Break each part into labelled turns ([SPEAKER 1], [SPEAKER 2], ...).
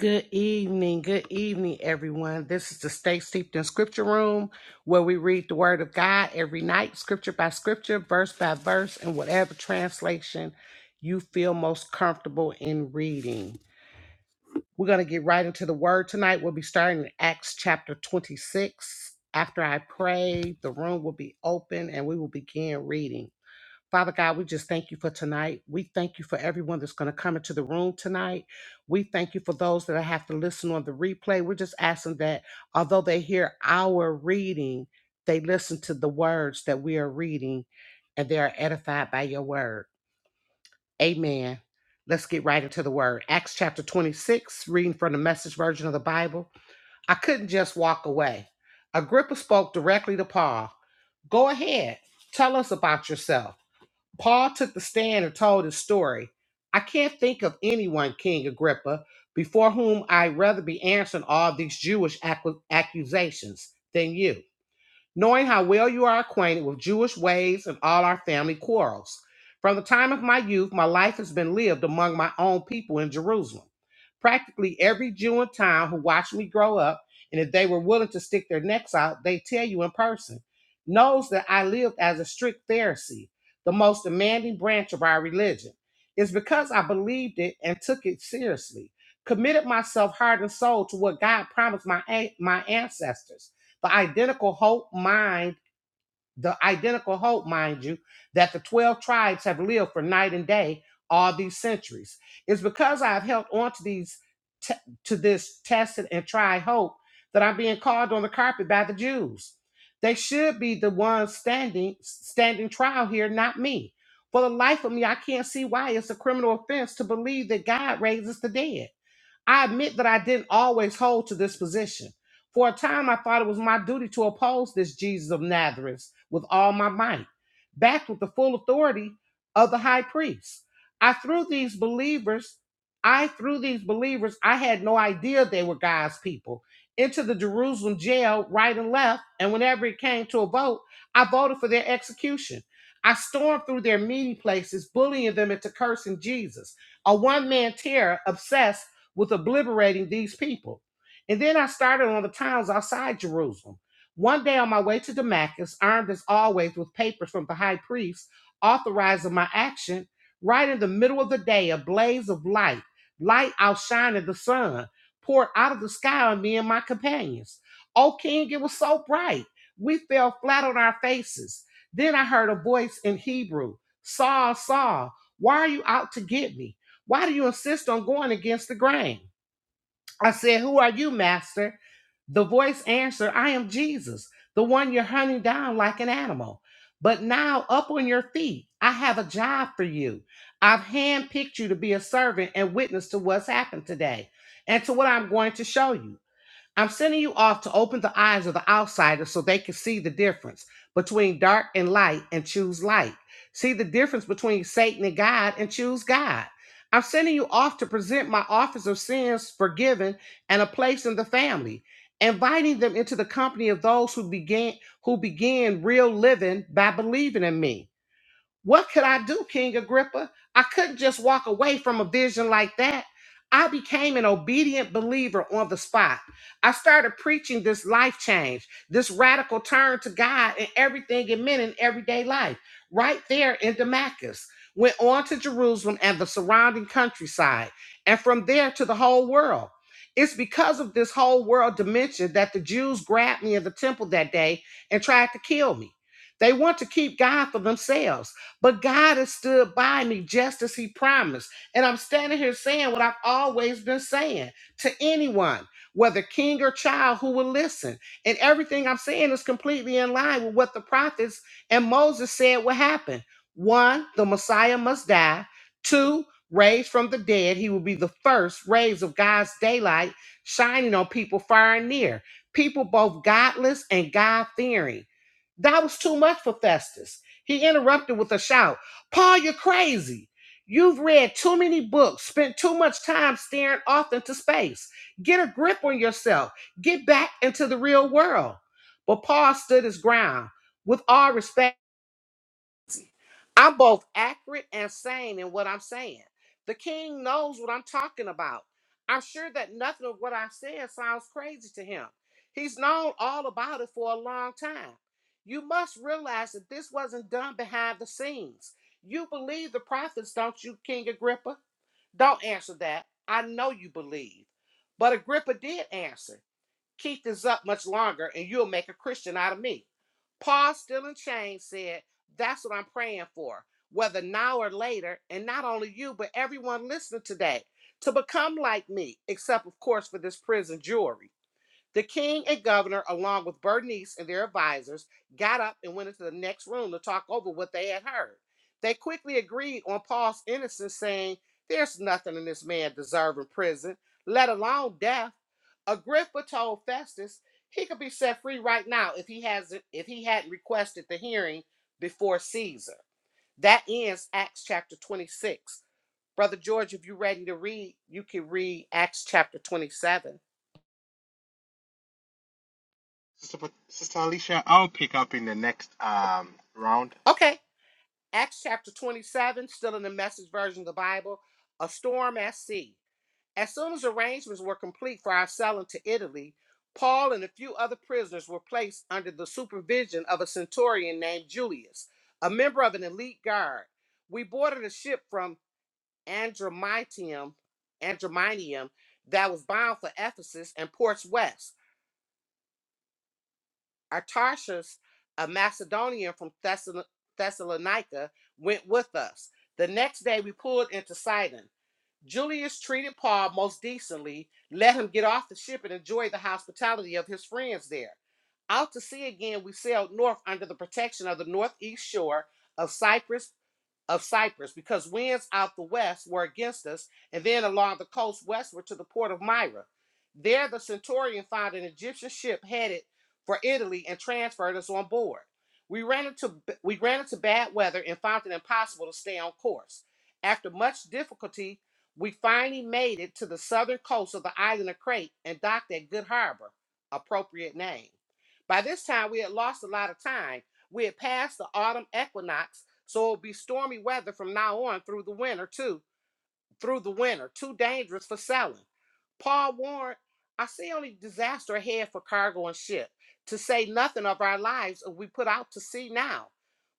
[SPEAKER 1] Good evening, good evening, everyone. This is the Stay Steeped in Scripture Room where we read the Word of God every night, scripture by scripture, verse by verse, and whatever translation you feel most comfortable in reading. We're going to get right into the Word tonight. We'll be starting in Acts chapter 26. After I pray, the room will be open and we will begin reading. Father God, we just thank you for tonight. We thank you for everyone that's going to come into the room tonight. We thank you for those that have to listen on the replay. We're just asking that although they hear our reading, they listen to the words that we are reading and they are edified by your word. Amen. Let's get right into the word. Acts chapter 26, reading from the message version of the Bible. I couldn't just walk away. Agrippa spoke directly to Paul. Go ahead, tell us about yourself. Paul took the stand and told his story. I can't think of anyone, King Agrippa, before whom I'd rather be answering all these Jewish accu- accusations than you knowing how well you are acquainted with Jewish ways and all our family quarrels. From the time of my youth, my life has been lived among my own people in Jerusalem. Practically every Jew in town who watched me grow up, and if they were willing to stick their necks out, they tell you in person, knows that I lived as a strict Pharisee, the most demanding branch of our religion. It's because I believed it and took it seriously, committed myself heart and soul to what God promised my, an- my ancestors the identical hope mind, the identical hope, mind you, that the 12 tribes have lived for night and day all these centuries. It's because I've held on to these te- to this tested and tried hope that I'm being called on the carpet by the Jews. They should be the ones standing standing trial here, not me. For the life of me, I can't see why it's a criminal offense to believe that God raises the dead. I admit that I didn't always hold to this position. For a time, I thought it was my duty to oppose this Jesus of Nazareth with all my might, backed with the full authority of the high priest. I threw these believers, I threw these believers, I had no idea they were God's people, into the Jerusalem jail right and left. And whenever it came to a vote, I voted for their execution. I stormed through their meeting places, bullying them into cursing Jesus. A one man terror obsessed with obliterating these people. And then I started on the towns outside Jerusalem. One day on my way to Damascus, armed as always with papers from the high priest authorizing my action, right in the middle of the day, a blaze of light, light outshining the sun, poured out of the sky on me and my companions. O king, it was so bright. We fell flat on our faces. Then I heard a voice in Hebrew Saul, Saul, why are you out to get me? Why do you insist on going against the grain? I said, Who are you, master? The voice answered, I am Jesus, the one you're hunting down like an animal. But now up on your feet, I have a job for you. I've handpicked you to be a servant and witness to what's happened today and to what I'm going to show you. I'm sending you off to open the eyes of the outsiders so they can see the difference between dark and light and choose light. See the difference between Satan and God and choose God. I'm sending you off to present my office of sins forgiven and a place in the family, inviting them into the company of those who began who began real living by believing in me. What could I do, King Agrippa? I couldn't just walk away from a vision like that. I became an obedient believer on the spot. I started preaching this life change, this radical turn to God and everything it meant in everyday life, right there in Damascus. Went on to Jerusalem and the surrounding countryside, and from there to the whole world. It's because of this whole world dimension that the Jews grabbed me in the temple that day and tried to kill me. They want to keep God for themselves. But God has stood by me just as He promised. And I'm standing here saying what I've always been saying to anyone, whether king or child, who will listen. And everything I'm saying is completely in line with what the prophets and Moses said would happen. One, the Messiah must die. Two, raised from the dead, he will be the first rays of God's daylight shining on people far and near, people both godless and God fearing. That was too much for Festus. He interrupted with a shout Paul, you're crazy. You've read too many books, spent too much time staring off into space. Get a grip on yourself. Get back into the real world. But Paul stood his ground. With all respect, I'm both accurate and sane in what I'm saying. The king knows what I'm talking about. I'm sure that nothing of what I'm sounds crazy to him. He's known all about it for a long time. You must realize that this wasn't done behind the scenes. You believe the prophets, don't you, King Agrippa? Don't answer that. I know you believe. But Agrippa did answer. Keep this up much longer and you'll make a Christian out of me. Paul, still in chains, said, That's what I'm praying for, whether now or later, and not only you, but everyone listening today, to become like me, except, of course, for this prison jewelry. The king and governor, along with Bernice and their advisors, got up and went into the next room to talk over what they had heard. They quickly agreed on Paul's innocence, saying, There's nothing in this man deserving prison, let alone death. Agrippa told Festus he could be set free right now if he has if he had not requested the hearing before Caesar. That ends Acts chapter 26. Brother George, if you're ready to read, you can read Acts chapter 27.
[SPEAKER 2] Sister, Sister Alicia, I'll pick up in the next um, round
[SPEAKER 1] Okay. Acts chapter 27, still in the message version of the Bible, a storm at sea. As soon as arrangements were complete for our selling to Italy, Paul and a few other prisoners were placed under the supervision of a centurion named Julius, a member of an elite guard. We boarded a ship from Andromitium, Andromitium that was bound for Ephesus and ports west. Artarchus, a Macedonian from Thessala- Thessalonica, went with us. The next day, we pulled into Sidon. Julius treated Paul most decently, let him get off the ship and enjoy the hospitality of his friends there. Out to sea again, we sailed north under the protection of the northeast shore of Cyprus of Cyprus, because winds out the west were against us, and then along the coast westward to the port of Myra. There the centurion found an Egyptian ship headed for Italy and transferred us on board. We ran into we ran into bad weather and found it impossible to stay on course. After much difficulty, we finally made it to the southern coast of the island of Crete and docked at Good Harbor, appropriate name. By this time, we had lost a lot of time. We had passed the autumn equinox so it'll be stormy weather from now on through the winter, too. Through the winter, too dangerous for sailing. Paul warned, I see only disaster ahead for cargo and ship, to say nothing of our lives if we put out to sea now.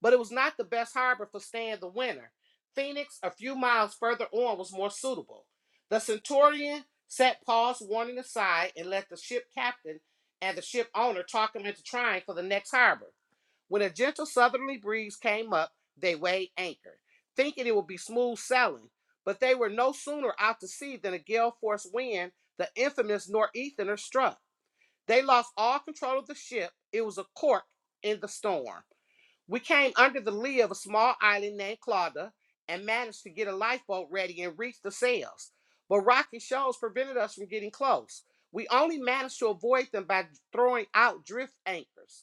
[SPEAKER 1] But it was not the best harbor for staying the winter. Phoenix, a few miles further on, was more suitable. The centurion set Paul's warning aside and let the ship captain and the ship owner talk him into trying for the next harbor. When a gentle southerly breeze came up, they weighed anchor, thinking it would be smooth sailing. But they were no sooner out to sea than a gale force wind, the infamous nor'easter, struck. They lost all control of the ship. It was a cork in the storm. We came under the lee of a small island named Clauda and managed to get a lifeboat ready and reach the sails. But rocky shoals prevented us from getting close. We only managed to avoid them by throwing out drift anchors.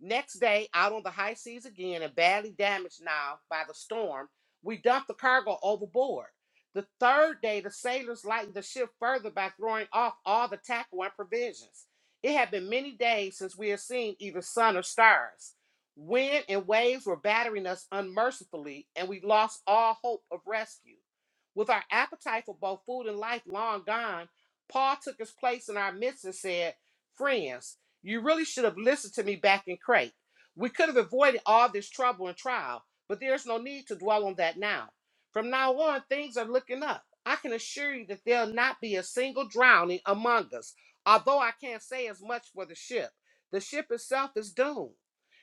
[SPEAKER 1] Next day, out on the high seas again and badly damaged now by the storm, we dumped the cargo overboard. The third day, the sailors lightened the ship further by throwing off all the tackle and provisions. It had been many days since we had seen either sun or stars. Wind and waves were battering us unmercifully, and we lost all hope of rescue. With our appetite for both food and life long gone, Paul took his place in our midst and said, Friends, you really should have listened to me back in Crete. We could have avoided all this trouble and trial, but there's no need to dwell on that now. From now on, things are looking up. I can assure you that there'll not be a single drowning among us, although I can't say as much for the ship. The ship itself is doomed.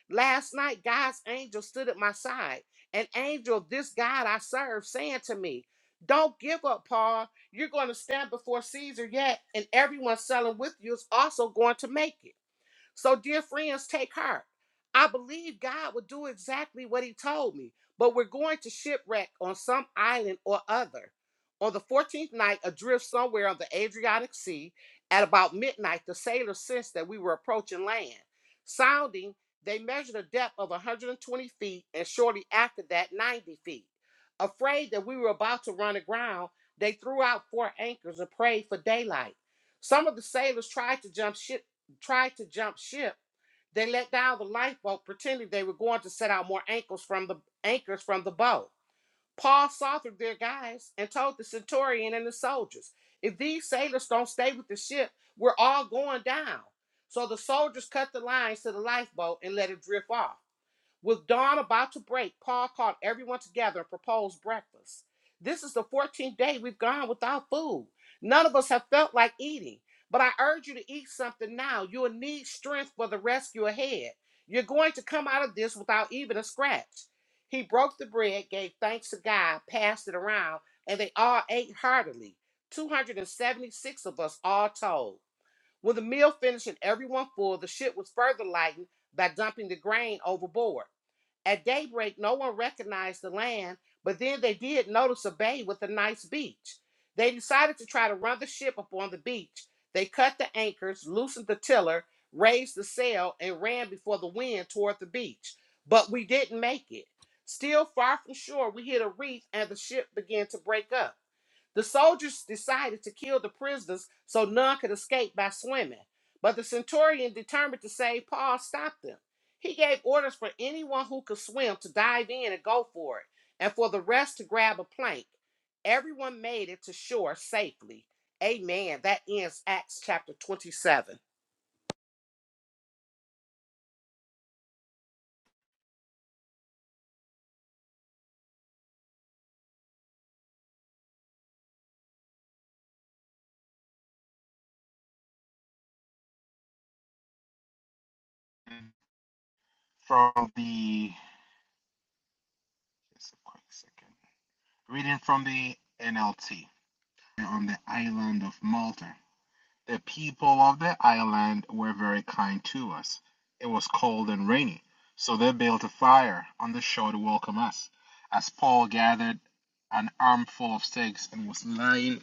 [SPEAKER 1] Last night, God's angel stood at my side, an angel of this God I serve, saying to me, Don't give up, Paul. You're going to stand before Caesar yet, and everyone selling with you is also going to make it. So, dear friends, take heart. I believe God will do exactly what He told me, but we're going to shipwreck on some island or other. On the 14th night, adrift somewhere on the Adriatic Sea, at about midnight, the sailors sensed that we were approaching land. Sounding, they measured a depth of 120 feet and shortly after that, 90 feet. Afraid that we were about to run aground, they threw out four anchors and prayed for daylight. Some of the sailors tried to jump ship tried to jump ship, they let down the lifeboat, pretending they were going to set out more anchors from the anchors from the boat. Paul saw through their guys and told the centurion and the soldiers, "If these sailors don't stay with the ship, we're all going down." So the soldiers cut the lines to the lifeboat and let it drift off. With dawn about to break, Paul called everyone together and proposed breakfast. This is the 14th day we've gone without food. None of us have felt like eating, but I urge you to eat something now. You will need strength for the rescue ahead. You're going to come out of this without even a scratch. He broke the bread, gave thanks to God, passed it around, and they all ate heartily. 276 of us all told. When the meal finished and everyone full, the ship was further lightened by dumping the grain overboard. At daybreak, no one recognized the land, but then they did notice a bay with a nice beach. They decided to try to run the ship upon the beach. They cut the anchors, loosened the tiller, raised the sail, and ran before the wind toward the beach. But we didn't make it. Still far from shore, we hit a reef and the ship began to break up. The soldiers decided to kill the prisoners so none could escape by swimming. But the centurion, determined to save Paul, stopped them. He gave orders for anyone who could swim to dive in and go for it, and for the rest to grab a plank. Everyone made it to shore safely. Amen. That ends Acts chapter 27.
[SPEAKER 2] from the just a quick second. Reading from the NLT on the island of Malta. The people of the island were very kind to us. It was cold and rainy, so they built a fire on the shore to welcome us. As Paul gathered an armful of sticks and was lying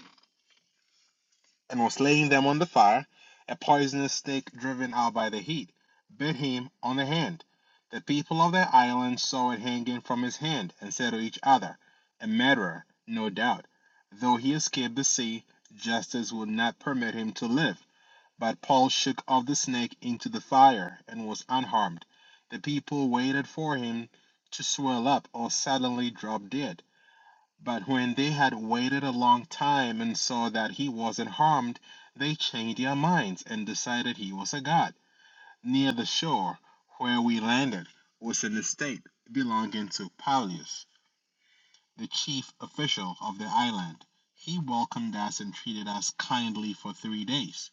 [SPEAKER 2] and was laying them on the fire, a poisonous snake driven out by the heat, bit him on the hand. The people of the island saw it hanging from his hand, and said to each other, A murderer, no doubt. Though he escaped the sea, justice would not permit him to live. But Paul shook off the snake into the fire and was unharmed. The people waited for him to swell up or suddenly drop dead. But when they had waited a long time and saw that he wasn't harmed, they changed their minds and decided he was a god. Near the shore where we landed was an estate belonging to Paulius, the chief official of the island. He welcomed us and treated us kindly for three days.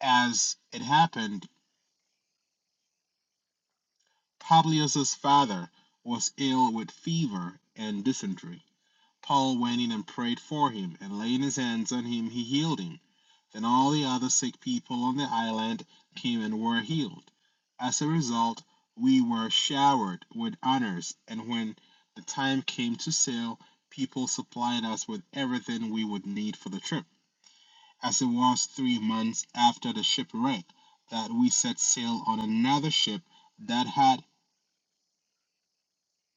[SPEAKER 2] As it happened, Publius's father was ill with fever and dysentery. Paul went in and prayed for him, and laying his hands on him, he healed him. Then all the other sick people on the island came and were healed. As a result, we were showered with honors, and when the time came to sail, people supplied us with everything we would need for the trip. As it was three months after the shipwreck that we set sail on another ship that had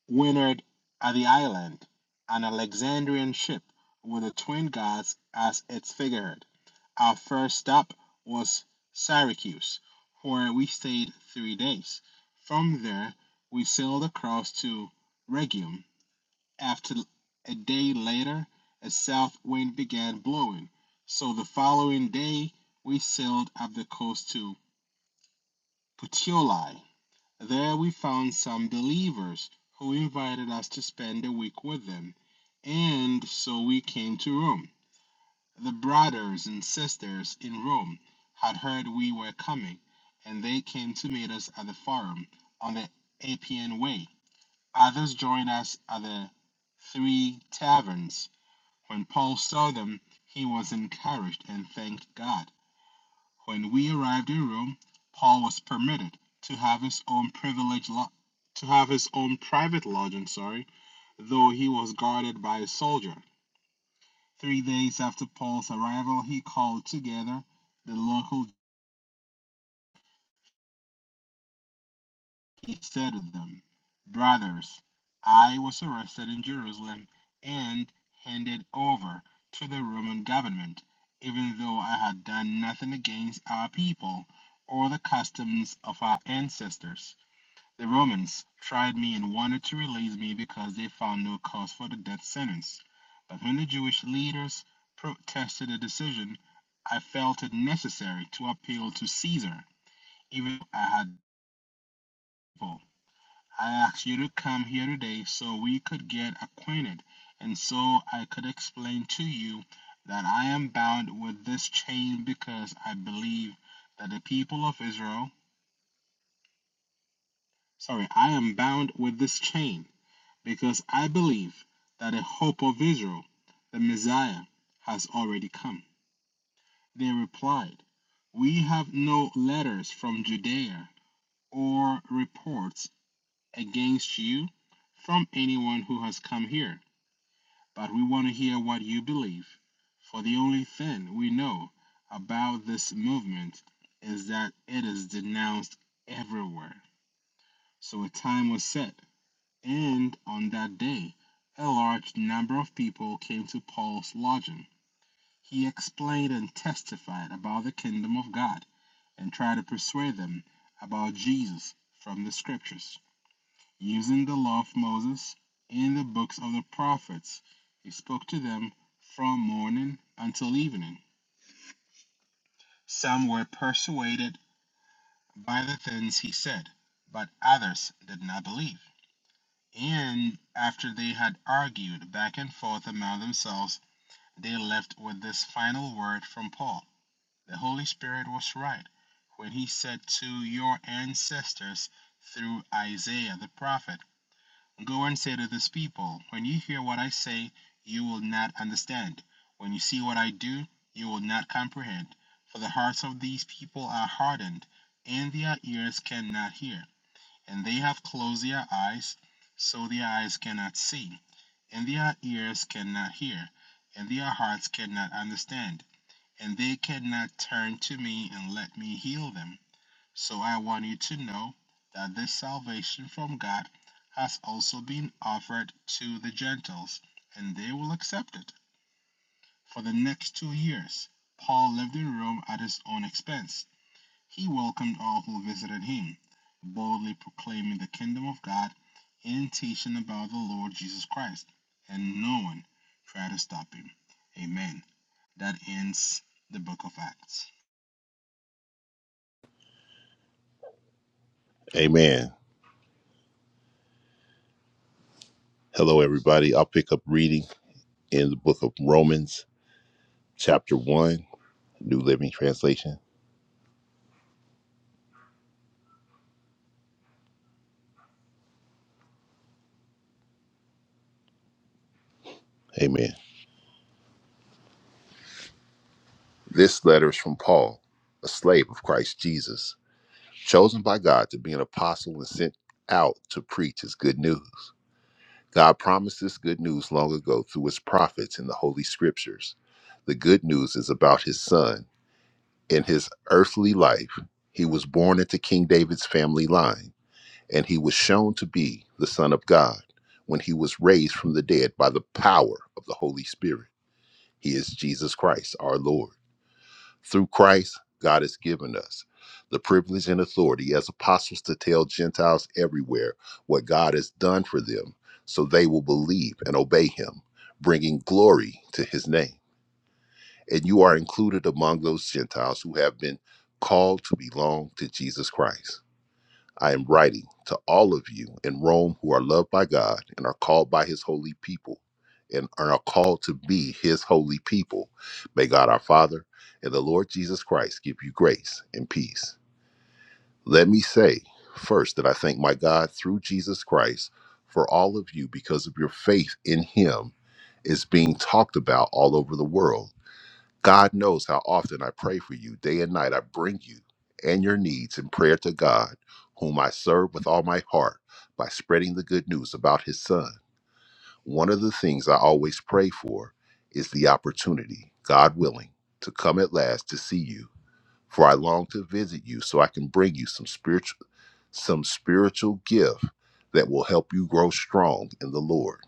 [SPEAKER 2] wintered at the island, an Alexandrian ship with the twin gods as its figurehead. Our first stop was Syracuse, where we stayed three days. From there, we sailed across to Rhegium. After a day later, a south wind began blowing. So the following day, we sailed up the coast to Puteoli. There, we found some believers who invited us to spend a week with them. And so we came to Rome. The brothers and sisters in Rome had heard we were coming, and they came to meet us at the Forum on the Appian Way. Others joined us at the Three Taverns. When Paul saw them, he was encouraged and thanked God. When we arrived in Rome, Paul was permitted to have his own privilege lo- to have his own private lodging, sorry, though he was guarded by a soldier. Three days after Paul's arrival, he called together the local. Jews. He said to them, Brothers, I was arrested in Jerusalem and handed over to the Roman government, even though I had done nothing against our people or the customs of our ancestors. The Romans tried me and wanted to release me because they found no cause for the death sentence. But when the Jewish leaders protested the decision, I felt it necessary to appeal to Caesar, even though I had people. I asked you to come here today so we could get acquainted and so I could explain to you that I am bound with this chain because I believe that the people of Israel, sorry, I am bound with this chain Because I believe that the hope of Israel, the Messiah, has already come. They replied, We have no letters from Judea or reports against you from anyone who has come here, but we want to hear what you believe. For the only thing we know about this movement is that it is denounced everywhere. So a time was set And on that day a large number of people came to Paul's lodging. He explained and testified about the kingdom of God and tried to persuade them about Jesus from the scriptures. Using the law of Moses and the books of the prophets, he spoke to them from morning until evening. Some were persuaded by the things he said, but others did not believe. And after they had argued back and forth among themselves, They left with this final word from Paul The Holy Spirit was right when he said to your ancestors through Isaiah the prophet, Go and say to this people, When you hear what I say, you will not understand. When you see what I do, you will not comprehend. For the hearts of these people are hardened, and their ears cannot hear, and they have closed their eyes, so their eyes cannot see and their ears cannot hear, and their hearts cannot understand, and they cannot turn to me and let me heal them. So I want you to know that this salvation from God has also been offered to the Gentiles, and they will accept it. For the next two years, Paul lived in Rome at his own expense he welcomed all who visited him, boldly proclaiming the kingdom of God and teaching about the Lord Jesus Christ, and no one tried to stop him. Amen. That ends the book of Acts.
[SPEAKER 3] Amen. Hello, everybody. I'll pick up reading in the book of Romans, chapter 1, New Living Translation. Amen. This letter is from Paul, a slave of Christ Jesus, chosen by God to be an apostle and sent out to preach his good news. God promised this good news long ago through his prophets in the Holy Scriptures. The good news is about his son. In his earthly life, he was born into King David's family line. and he was shown to be the Son of God when he was raised from the dead by the power of the Holy Spirit. He is Jesus Christ, our Lord. Through Christ, God has given us the privilege and authority as apostles to tell Gentiles everywhere what God has done for them so they will believe and obey him, bringing glory to his name. And you are included among those Gentiles who have been called to belong to Jesus Christ. I am writing to all of you in Rome who are loved by God and are called by his holy people and are called to be his holy people. May God our Father and the Lord Jesus Christ give you grace and peace. Let me say first that I thank my God through Jesus Christ for all of you because of your faith in him is being talked about all over the world. God knows how often I pray for you. Day and night I bring you and your needs in prayer to God, whom I serve with all my heart by spreading the good news about his son. One of the things I always pray for is the opportunity, God willing, to come at last to see you. For I long to visit you so I can bring you some spiritual some spiritual gift that will help you grow strong in the Lord.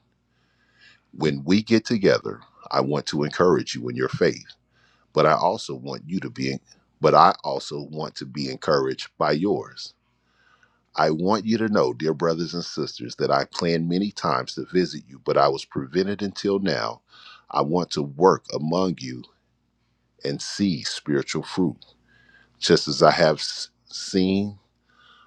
[SPEAKER 3] When we get together, I want to encourage you in your faith but I also want you to be, but I also want to be encouraged by yours. I want you to know, dear brothers and sisters, that I planned many times to visit you, but I was prevented until now. I want to work among you and see spiritual fruit, just as I have s- seen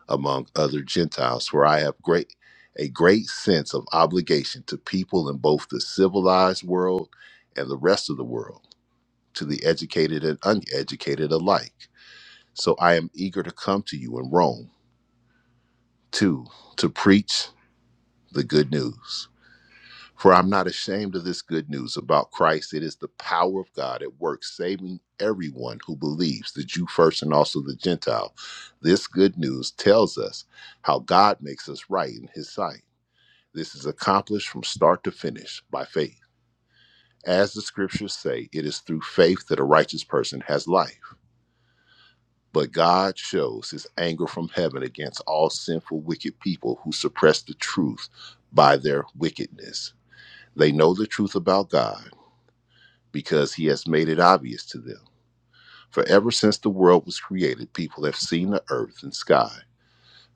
[SPEAKER 3] among other Gentiles, for I have great a great sense of obligation to people in both the civilized world and the rest of the world, to the educated and uneducated alike. So I am eager to come to you in Rome, too, to preach the good news. For I'm not ashamed of this good news about Christ. It is the power of God at work, saving everyone who believes, the Jew first and also the Gentile. This good news tells us how God makes us right in his sight. This is accomplished from start to finish by faith. As the scriptures say, it is through faith that a righteous person has life. But God shows his anger from heaven against all sinful, wicked people who suppress the truth by their wickedness. They know the truth about God because he has made it obvious to them. For ever since the world was created, people have seen the earth and sky.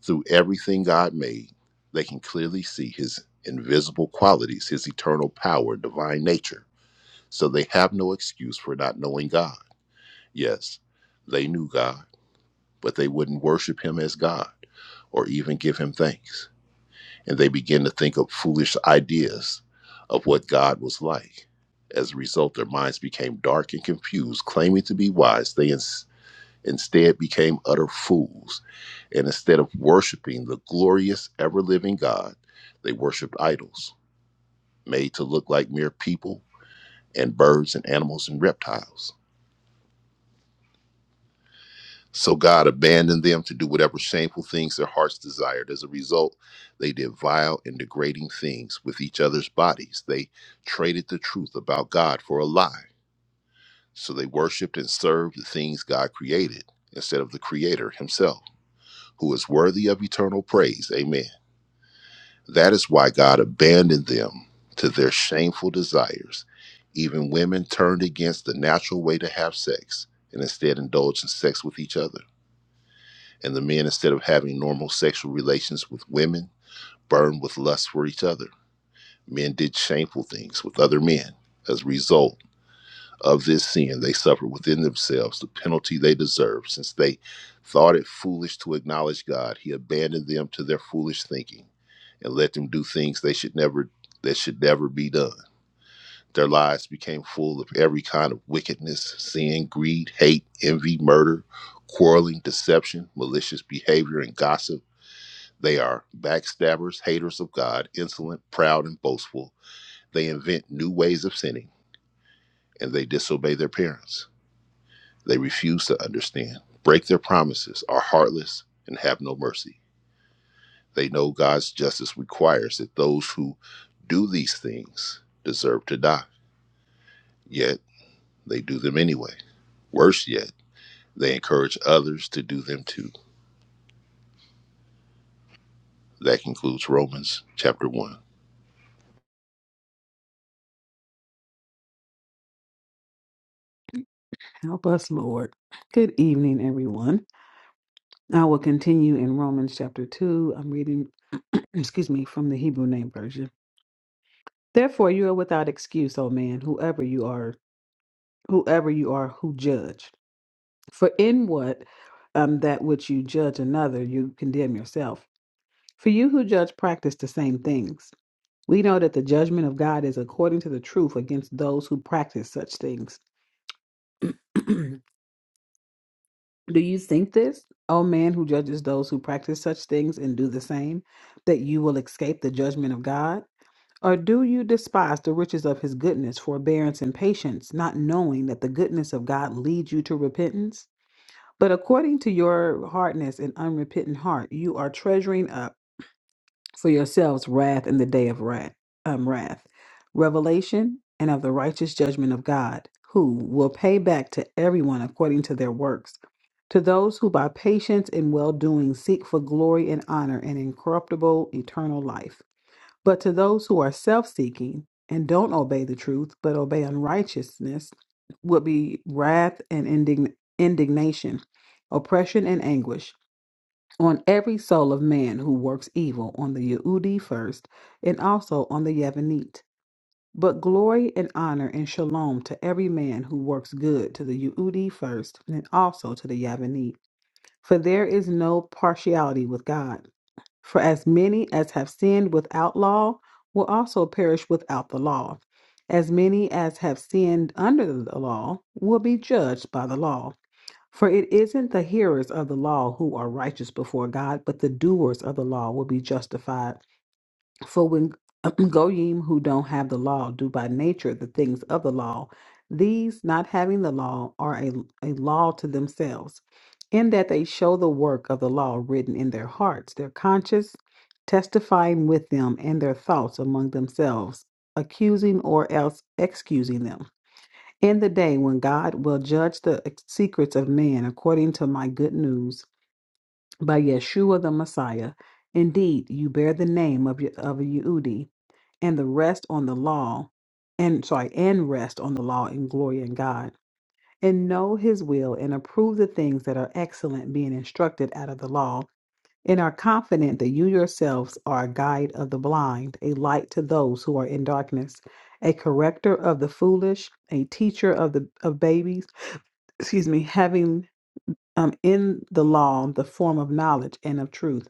[SPEAKER 3] Through everything God made, they can clearly see his invisible qualities, his eternal power, divine nature. So they have no excuse for not knowing God. Yes, they knew God, but they wouldn't worship him as God. or even give him thanks. And they begin to think of foolish ideas of what God was like. As a result, their minds became dark and confused. Claiming to be wise, they ins- instead became utter fools. And instead of worshiping the glorious, ever living God, they worshiped idols made to look like mere people and birds and animals and reptiles. So God abandoned them to do whatever shameful things their hearts desired. As a result, they did vile and degrading things with each other's bodies. They traded the truth about God for a lie. So they worshiped and served the things God created instead of the Creator Himself, who is worthy of eternal praise. Amen. That is why God abandoned them to their shameful desires. Even women turned against the natural way to have sex and instead indulged in sex with each other. And the men, instead of having normal sexual relations with women, burned with lust for each other. Men did shameful things with other men. As a result of this sin, they suffered within themselves the penalty they deserved. Since they thought it foolish to acknowledge God, He abandoned them to their foolish thinking and let them do things they should never that should never be done. Their lives became full of every kind of wickedness, sin, greed, hate, envy, murder, quarreling, deception, malicious behavior, and gossip they are backstabbers, haters of God, insolent, proud, and boastful. They invent new ways of sinning, and they disobey their parents. They refuse to understand, break their promises, are heartless, and have no mercy. They know God's justice requires that those who do these things deserve to die, yet they do them anyway. Worse yet, they encourage others to do them too. That concludes Romans chapter 1.
[SPEAKER 4] Help us, Lord. Good evening, everyone. I will continue in Romans chapter 2. I'm reading, excuse me, from the Hebrew name version. Therefore, you are without excuse, O man, whoever you are, whoever you are who judge. For in what um, that which you judge another, you condemn yourself. For you who judge practice the same things. We know that the judgment of God is according to the truth against those who practice such things. Do you think this, O man who judges those who practice such things and do the same, that you will escape the judgment of God? Or do you despise the riches of his goodness, forbearance, and patience, not knowing that the goodness of God leads you to repentance? But according to your hardness and unrepentant heart, you are treasuring up for yourselves wrath in the day of wrath, um, wrath, revelation, and of the righteous judgment of God, who will pay back to everyone according to their works. To those who by patience and well doing seek for glory and honor and incorruptible eternal life. But to those who are self seeking and don't obey the truth, but obey unrighteousness, will be wrath and indign- indignation, oppression and anguish on every soul of man who works evil, on the Yehudi first, and also on the Yevanite. But glory and honor and shalom to every man who works good, to the Yehudi first, and also to the Yevanite. For there is no partiality with God. For as many as have sinned without law will also perish without the law. As many as have sinned under the law will be judged by the law. For it isn't the hearers of the law who are righteous before God, but the doers of the law will be justified. For when Goyim who don't have the law do by nature the things of the law, these not having the law are a, a law to themselves, in that they show the work of the law written in their hearts, their conscience testifying with them and their thoughts among themselves, accusing or else excusing them. In the day when God will judge the secrets of man according to my good news by Yeshua the Messiah, indeed you bear the name of, Ye- of a Yehudi and the rest on the law, and sorry, and rest on the law in glory in God, and know his will and approve the things that are excellent, being instructed out of the law, and are confident that you yourselves are a guide of the blind, a light to those who are in darkness, a corrector of the foolish, a teacher of the of babies excuse me, having um, in the law the form of knowledge and of truth.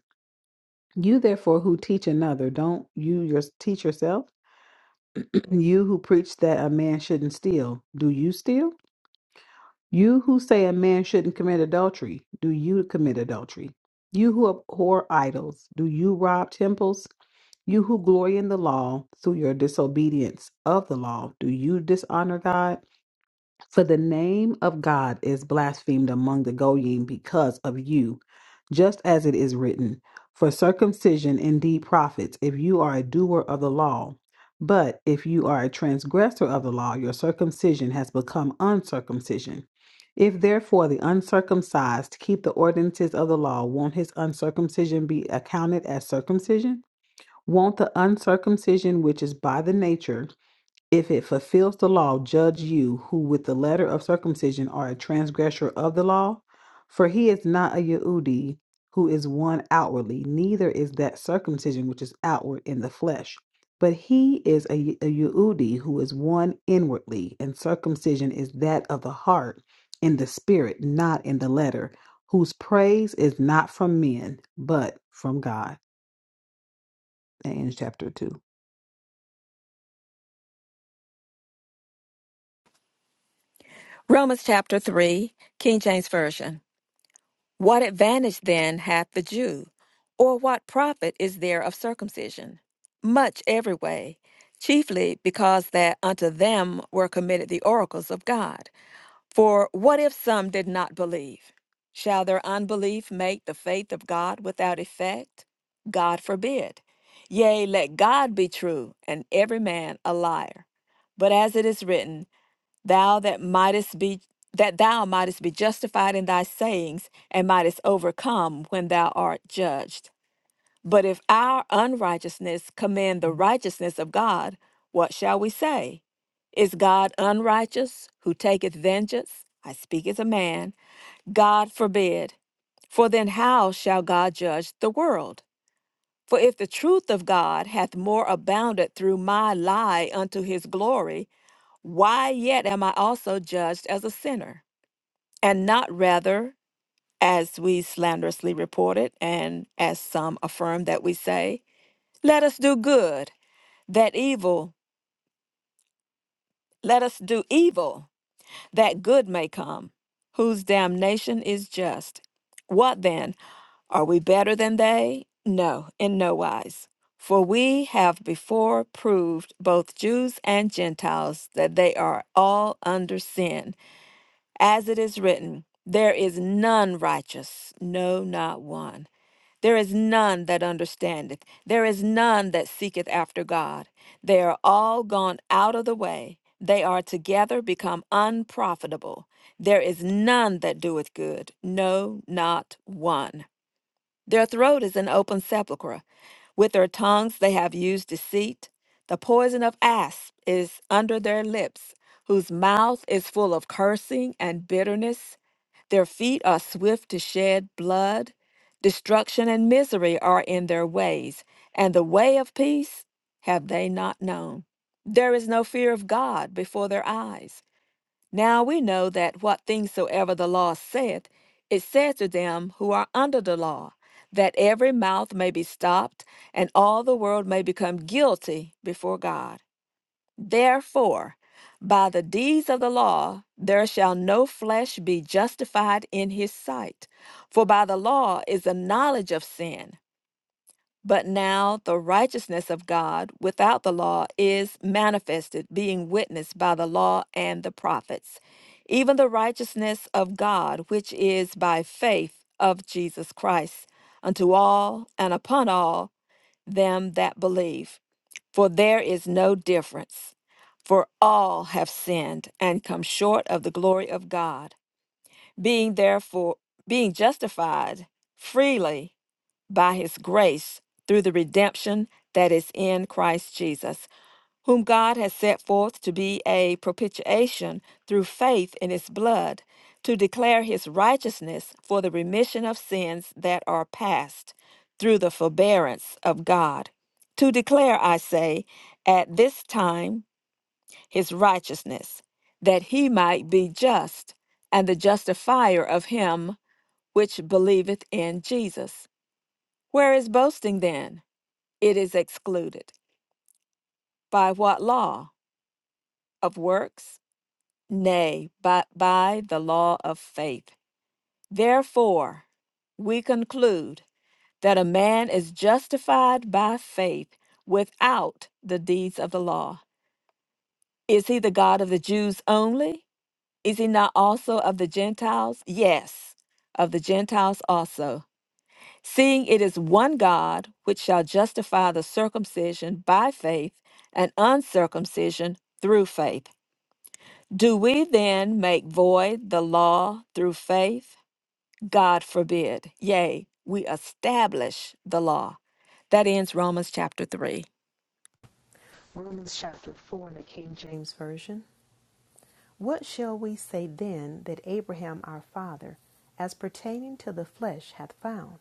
[SPEAKER 4] You therefore who teach another, don't you your, teach yourself? you who preach that a man shouldn't steal, do you steal? You who say a man shouldn't commit adultery, do you commit adultery? You who abhor idols, do you rob temples? You who glory in the law through your disobedience of the law, do you dishonor God? For the name of God is blasphemed among the Goyim because of you, just as it is written, For circumcision indeed profits if you are a doer of the law. But if you are a transgressor of the law, your circumcision has become uncircumcision. If therefore the uncircumcised keep the ordinances of the law, won't his uncircumcision be accounted as circumcision? Won't the uncircumcision which is by the nature if it fulfills the law, judge you, who with the letter of circumcision are a transgressor of the law. For he is not a Yehudi, who is one outwardly, neither is that circumcision which is outward in the flesh. But he is a, Ye- a Yehudi, who is one inwardly, and circumcision is that of the heart, in the spirit, not in the letter, whose praise is not from men, but from God. That ends chapter 2.
[SPEAKER 5] Romans chapter 3, King James Version. What advantage then hath the Jew? Or what profit is there of circumcision? Much every way, chiefly because that unto them were committed the oracles of God. For what if some did not believe? Shall their unbelief make the faith of God without effect? God forbid. Yea, let God be true, and every man a liar. But as it is written, thou that mightest be that thou mightest be justified in thy sayings and mightest overcome when thou art judged but if our unrighteousness commend the righteousness of god what shall we say is god unrighteous who taketh vengeance i speak as a man god forbid for then how shall god judge the world for if the truth of god hath more abounded through my lie unto his glory why yet am I also judged as a sinner, and not rather, as we slanderously reported, and as some affirm that we say, let us do good, that evil, let us do evil, that good may come, whose damnation is just. What then? Are we better than they? No, in no wise. For we have before proved both Jews and Gentiles that they are all under sin. As it is written, there is none righteous, no, not one. There is none that understandeth. There is none that seeketh after God. They are all gone out of the way. They are together become unprofitable. There is none that doeth good, no, not one. Their throat is an open sepulchre. With their tongues they have used deceit. The poison of asp is under their lips, whose mouth is full of cursing and bitterness. Their feet are swift to shed blood. Destruction and misery are in their ways, and the way of peace have they not known. There is no fear of God before their eyes. Now we know that what things soever the law saith, it saith to them who are under the law, that every mouth may be stopped, and all the world may become guilty before God. Therefore, by the deeds of the law, there shall no flesh be justified in his sight. For by the law is the knowledge of sin. But now the righteousness of God without the law is manifested, being witnessed by the law and the prophets, even the righteousness of God, which is by faith of Jesus Christ, unto all and upon all them that believe. For there is no difference, for all have sinned and come short of the glory of God being therefore being justified freely by his grace through the redemption that is in Christ Jesus, whom God has set forth to be a propitiation through faith in his blood, to declare his righteousness for the remission of sins that are past, through the forbearance of God. To declare, I say, at this time, his righteousness, that he might be just and the justifier of him which believeth in Jesus. Where is boasting then? It is excluded. By what law? Of works? Nay, but by the law of faith. Therefore, we conclude that a man is justified by faith without the deeds of the law. Is he the God of the Jews only? Is he not also of the Gentiles? Yes, of the Gentiles also. Seeing it is one God which shall justify the circumcision by faith and uncircumcision through faith. Do we then make void the law through faith? God forbid. Yea, we establish the law. That ends Romans chapter 3.
[SPEAKER 6] Romans chapter 4 in the King James Version. What shall we say then that Abraham our father, as pertaining to the flesh, hath found?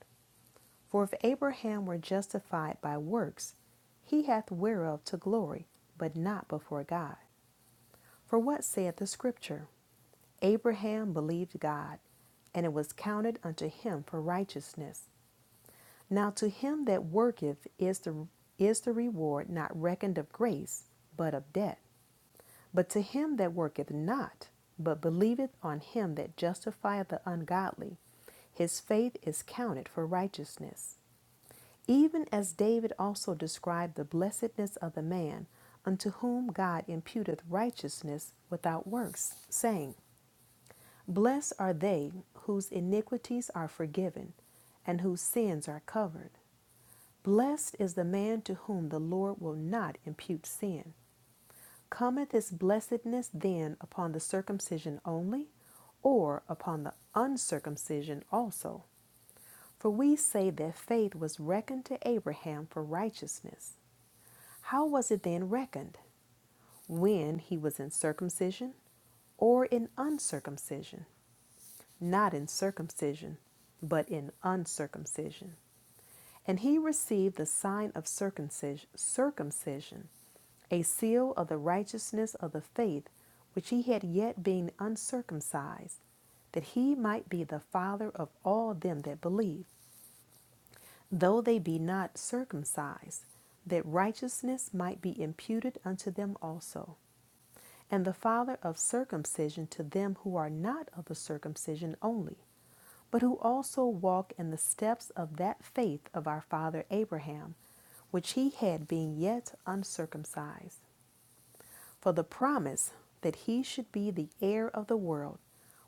[SPEAKER 6] For if Abraham were justified by works, he hath whereof to glory, but not before God. For what saith the Scripture? Abraham believed God, and it was counted unto him for righteousness. Now to him that worketh is the is the reward not reckoned of grace, but of debt. But to him that worketh not, but believeth on him that justifieth the ungodly, his faith is counted for righteousness. Even as David also described the blessedness of the man unto whom God imputeth righteousness without works, saying, Blessed are they whose iniquities are forgiven, and whose sins are covered. Blessed is the man to whom the Lord will not impute sin Cometh this blessedness then upon the circumcision only, or upon the uncircumcision also? For we say that faith was reckoned to Abraham for righteousness. How was it then reckoned? When he was in circumcision or in uncircumcision? Not in circumcision, but in uncircumcision. And he received the sign of circumcision, circumcision a seal of the righteousness of the faith which he had yet being uncircumcised, that he might be the father of all them that believe, though they be not circumcised, that righteousness might be imputed unto them also, and the father of circumcision to them who are not of the circumcision only, but who also walk in the steps of that faith of our father Abraham, which he had being yet uncircumcised. For the promise that he should be the heir of the world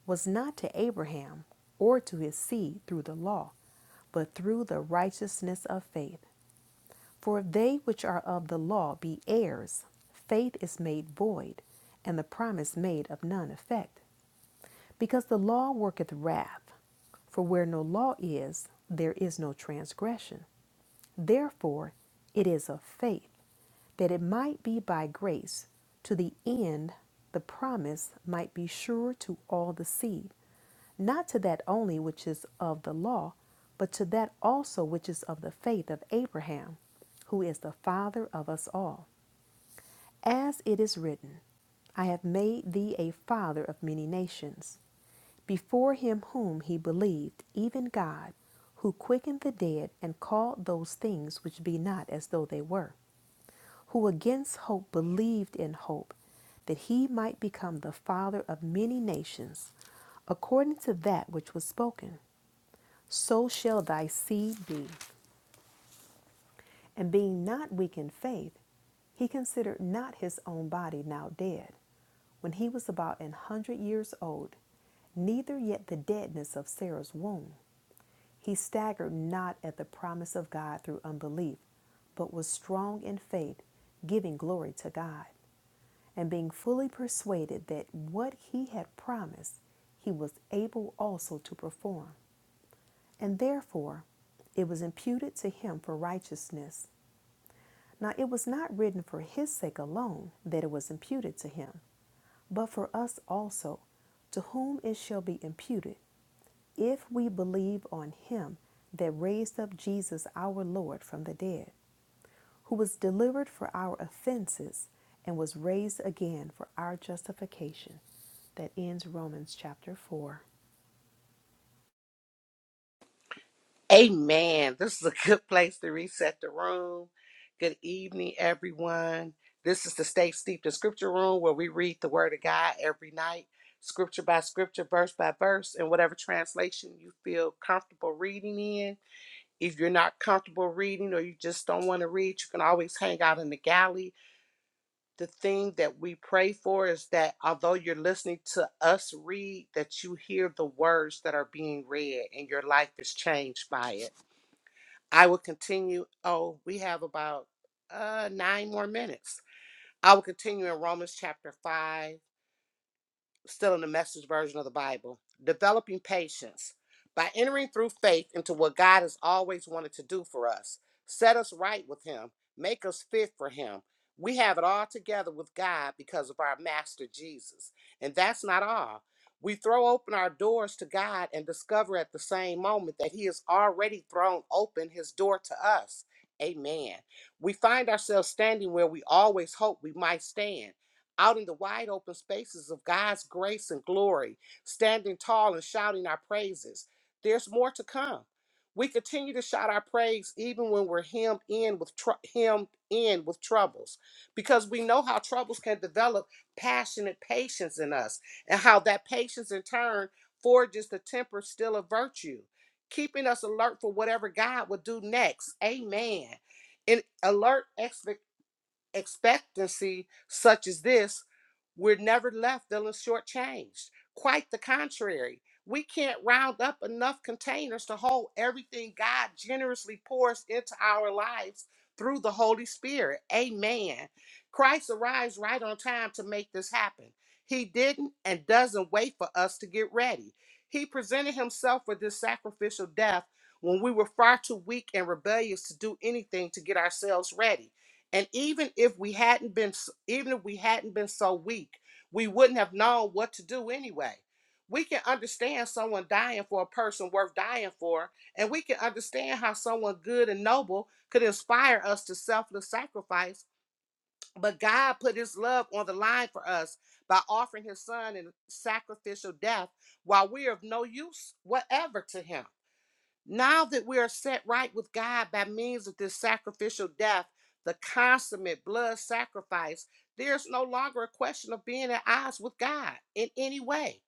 [SPEAKER 6] was not to Abraham or to his seed through the law, but through the righteousness of faith. For if they which are of the law be heirs, faith is made void, and the promise made of none effect. Because the law worketh wrath, for where no law is, there is no transgression. Therefore, it is of faith, that it might be by grace, to the end the promise might be sure to all the seed, not to that only which is of the law, but to that also which is of the faith of Abraham, who is the father of us all. As it is written, I have made thee a father of many nations, before him whom he believed, even God, who quickened the dead and called those things which be not as though they were, who against hope believed in hope, that he might become the father of many nations, according to that which was spoken. So shall thy seed be. And being not weak in faith, he considered not his own body now dead, when he was about an hundred years old, neither yet the deadness of Sarah's womb. He staggered not at the promise of God through unbelief, but was strong in faith, giving glory to God, and being fully persuaded that what he had promised, he was able also to perform. And therefore, it was imputed to him for righteousness. Now it was not written for his sake alone that it was imputed to him, but for us also, to whom it shall be imputed, if we believe on him that raised up Jesus our Lord from the dead, who was delivered for our offenses and was raised again for our justification. That ends Romans chapter 4.
[SPEAKER 1] Amen. This is a good place to reset the room. Good evening, everyone. This is the Stay Steeped in Scripture Room where we read the Word of God every night, scripture by scripture, verse by verse, in whatever translation you feel comfortable reading in. If you're not comfortable reading or you just don't want to read, you can always hang out in the galley. The thing that we pray for is that although you're listening to us read, that you hear the words that are being read and your life is changed by it. I will continue. Oh, we have about uh, nine more minutes. I will continue in Romans chapter 5 still in the message version of the Bible, developing patience by entering through faith into what God has always wanted to do for us, set us right with Him, make us fit for Him. We have it all together with God because of our Master Jesus. And that's not all. We throw open our doors to God and discover at the same moment that He has already thrown open His door to us. Amen. We find ourselves standing where we always hoped we might stand out in the wide open spaces of God's grace and glory, standing tall and shouting our praises. There's more to come. We continue to shout our praise even when we're hemmed in with tr- hemmed in with troubles, because we know how troubles can develop passionate patience in us, and how that patience in turn forges the temper still of virtue, keeping us alert for whatever God will do next. Amen. In alert expectancy such as this, we're never left feeling shortchanged. Quite the contrary. We can't round up enough containers to hold everything God generously pours into our lives through the Holy Spirit. Amen. Christ arrives right on time to make this happen. He didn't and doesn't wait for us to get ready. He presented himself with this sacrificial death when we were far too weak and rebellious to do anything to get ourselves ready. And even if we hadn't been, s- even if we hadn't been so weak, we wouldn't have known what to do anyway. We can understand someone dying for a person worth dying for, and we can understand how someone good and noble could inspire us to selfless sacrifice. But God put His love on the line for us by offering His Son in sacrificial death while we are of no use whatever to Him. Now that we are set right with God by means of this sacrificial death, the consummate blood sacrifice, there's no longer a question of being at odds with God in any way.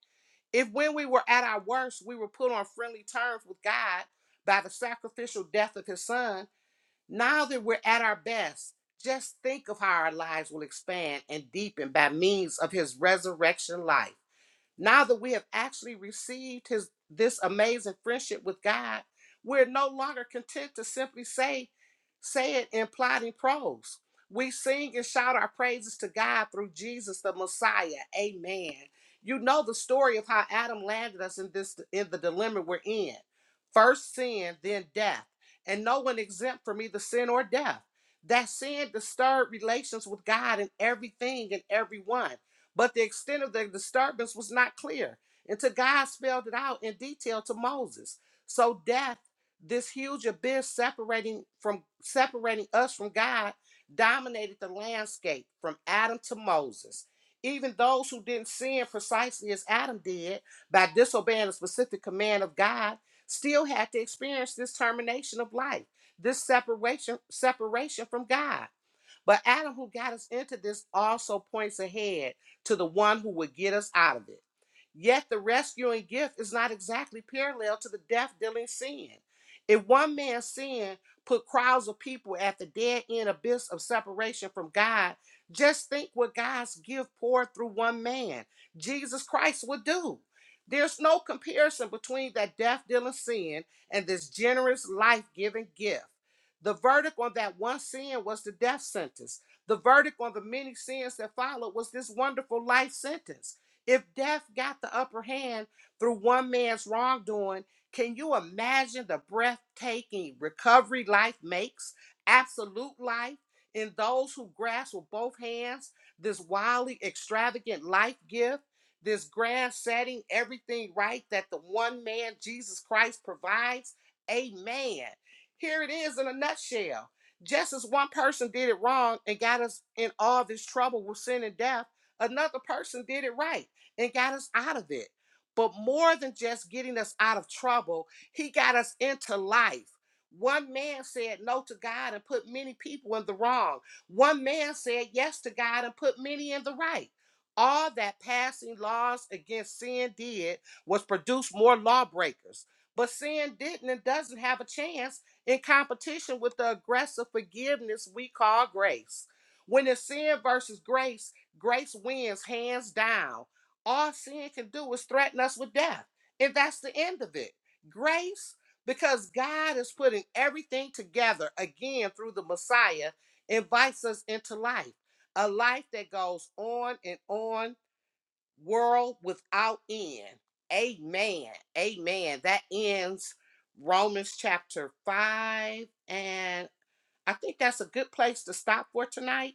[SPEAKER 1] If when we were at our worst, we were put on friendly terms with God by the sacrificial death of his son, now that we're at our best, just think of how our lives will expand and deepen by means of his resurrection life. Now that we have actually received his this amazing friendship with God, we're no longer content to simply say say it in plodding prose. We sing and shout our praises to God through Jesus the Messiah. Amen. You know the story of how Adam landed us in this in the dilemma we're in. First sin, then death, and no one exempt from either sin or death. That sin disturbed relations with God and everything and everyone. But the extent of the disturbance was not clear until God spelled it out in detail to Moses. So death, this huge abyss separating from separating us from God, dominated the landscape from Adam to Moses. Even those who didn't sin precisely as Adam did by disobeying a specific command of God still had to experience this termination of life, this separation separation from God. But Adam, who got us into this, also points ahead to the one who would get us out of it. Yet the rescuing gift is not exactly parallel to the death dealing sin. If one man's sin put crowds of people at the dead end abyss of separation from God, just think what God's gift poured through one man, Jesus Christ, would do. There's no comparison between that death dealing sin and this generous life giving gift. The verdict on that one sin was the death sentence. The verdict on the many sins that followed was this wonderful life sentence. If death got the upper hand through one man's wrongdoing, can you imagine the breathtaking recovery life makes? Absolute life in those who grasp with both hands this wildly extravagant life gift, this grand setting, everything right that the one man Jesus Christ provides. Amen. Here it is in a nutshell. Just as one person did it wrong and got us in all this trouble with sin and death, another person did it right and got us out of it. But more than just getting us out of trouble, he got us into life. One man said no to God and put many people in the wrong. One man said yes to God and put many in the right. All that passing laws against sin did was produce more lawbreakers. But sin didn't and doesn't have a chance in competition with the aggressive forgiveness we call grace. When it's sin versus grace, grace wins hands down. All sin can do is threaten us with death, and that's the end of it. Grace, because God is putting everything together again through the Messiah, invites us into life, a life that goes on and on world without end. Amen. Amen. That ends Romans chapter 5. And I think that's a good place to stop for tonight.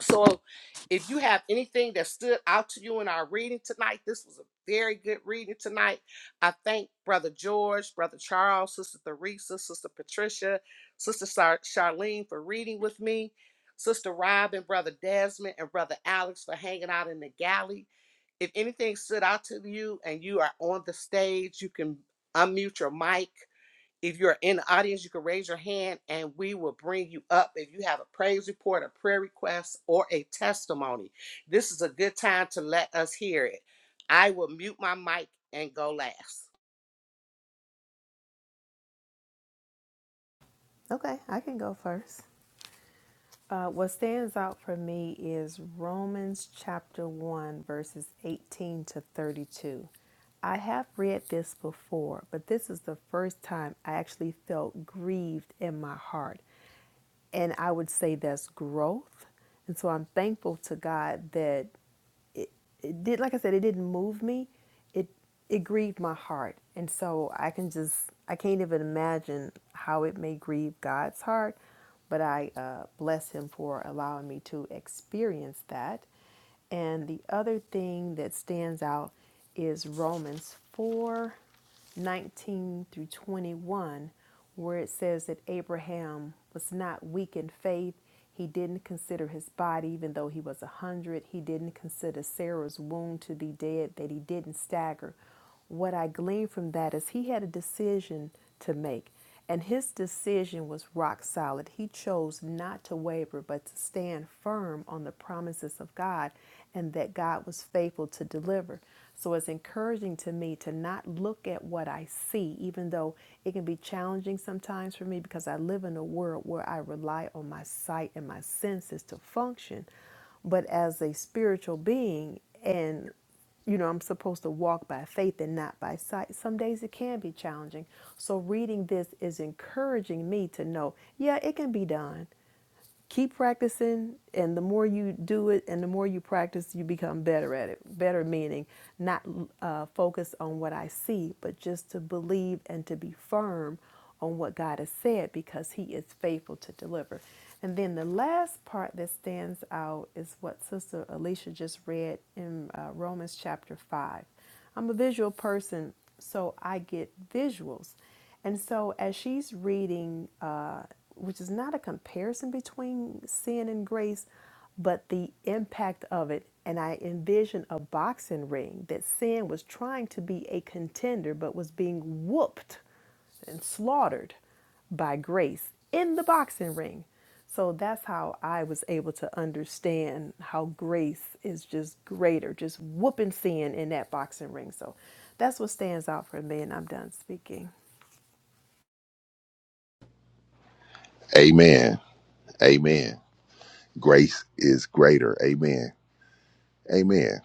[SPEAKER 1] So if you have anything that stood out to you in our reading tonight, this was a very good reading tonight. I thank Brother George, Brother Charles, Sister Theresa, Sister Patricia, Sister Char- Charlene for reading with me, Sister Robin, Brother Desmond, and Brother Alex for hanging out in the galley if anything stood out to you and you are on the stage, you can unmute your mic. If you're in the audience, you can raise your hand and we will bring you up if you have a praise report, a prayer request, or a testimony. This is a good time to let us hear it. I will mute my mic and go last.
[SPEAKER 6] Okay, I can go first. Uh, what stands out for me is Romans chapter 1, verses 18 to 32. I have read this before, but this is the first time I actually felt grieved in my heart. And I would say that's growth. And so I'm thankful to God that it, it did like I said, it didn't move me. It it grieved my heart. And so I can just I can't even imagine how it may grieve God's heart, but I uh, bless him for allowing me to experience that. And the other thing that stands out is Romans 4 19 through 21, where it says that Abraham was not weak in faith. He didn't consider his body, even though he was a 100. He didn't consider Sarah's womb to be dead, that he didn't stagger. What I glean from that is he had a decision to make. And his decision was rock solid. He chose not to waver, but to stand firm on the promises of God and that God was faithful to deliver. So it's encouraging to me to not look at what I see, even though it can be challenging sometimes for me because I live in a world where I rely on my sight and my senses to function. But as a spiritual being, and you know, I'm supposed to walk by faith and not by sight. Some days it can be challenging. So, reading this is encouraging me to know, yeah, it can be done keep practicing and the more you do it and the more you practice you become better at it better meaning not uh, focus on what i see but just to believe and to be firm on what god has said because he is faithful to deliver and then the last part that stands out is what sister alicia just read in uh, romans chapter 5 I'm a visual person, so I get visuals. And so as she's reading, uh, which is not a comparison between sin and grace, but the impact of it, and I envision a boxing ring that sin was trying to be a contender but was being whooped and slaughtered by grace in the boxing ring. So that's how I was able to understand how grace is just greater, just whooping sin in that boxing ring. So that's what stands out for me, and I'm done speaking.
[SPEAKER 3] Amen. Amen. Grace is greater. Amen. Amen.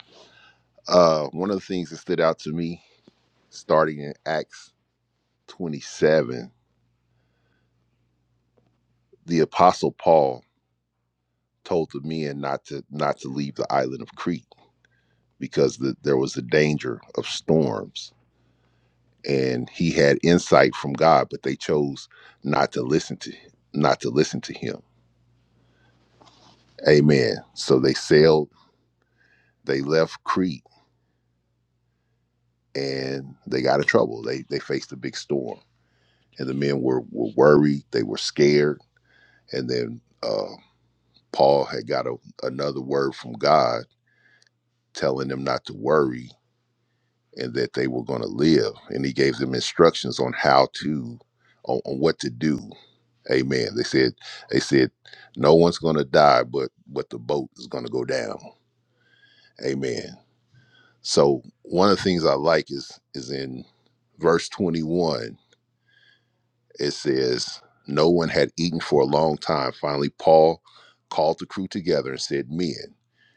[SPEAKER 3] Uh, one of the things that stood out to me, starting in Acts 27, the Apostle Paul told the men not to not to leave the island of Crete because the, there was a danger of storms, and he had insight from God, but they chose not to listen to not to listen to him. Amen. So they sailed, they left Crete, and they got in trouble. They they faced a big storm, and the men were were worried, they were scared, and then. Uh, Paul had got a, another word from God telling them not to worry and that they were going to live. And he gave them instructions on how to, on, on what to do. Amen. They said, they said, no one's going to die, but but the boat is going to go down. Amen. So one of the things I like is is in verse 21 It says, No one had eaten for a long time. Finally, Paul called the crew together and said, Men,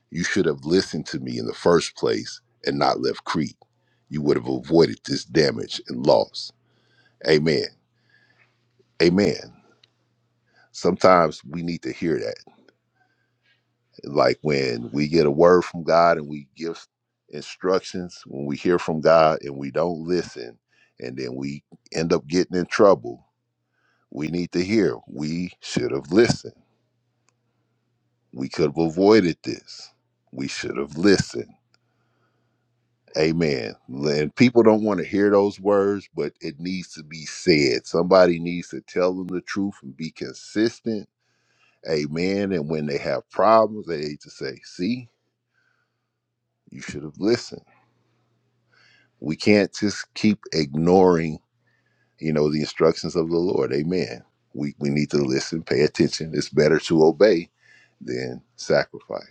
[SPEAKER 3] you should have listened to me in the first place and not left Crete. You would have avoided this damage and loss. Amen. Amen. Sometimes we need to hear that. Like when we get a word from God and we give instructions, when we hear from God and we don't listen, and then we end up getting in trouble, we need to hear. We should have listened We could have avoided this. We should have listened. Amen. And people don't want to hear those words, but it needs to be said. Somebody needs to tell them the truth and be consistent. Amen. And when they have problems, they need to say, see, you should have listened. We can't just keep ignoring, you know, the instructions of the Lord. Amen. We we need to listen, pay attention. It's better to obey than sacrifice.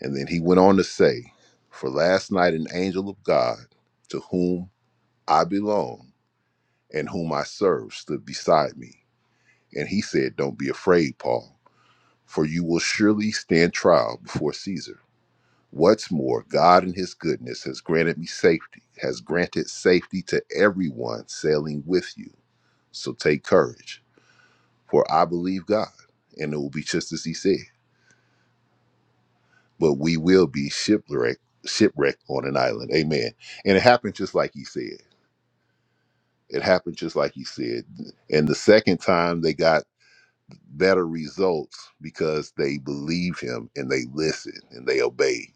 [SPEAKER 3] And then he went on to say, For last night an angel of God, to whom I belong and whom I serve, stood beside me. And he said, not be afraid, Paul, for you will surely stand trial before Caesar. What's more, God in his goodness has granted me safety, has granted safety to everyone sailing with you. So take courage, for I believe God, and it will be just as he said. but we will be shipwrecked shipwrecked on an island amen and it happened just like he said it happened just like he said and the second time they got better results because they believe him and they listen and they obey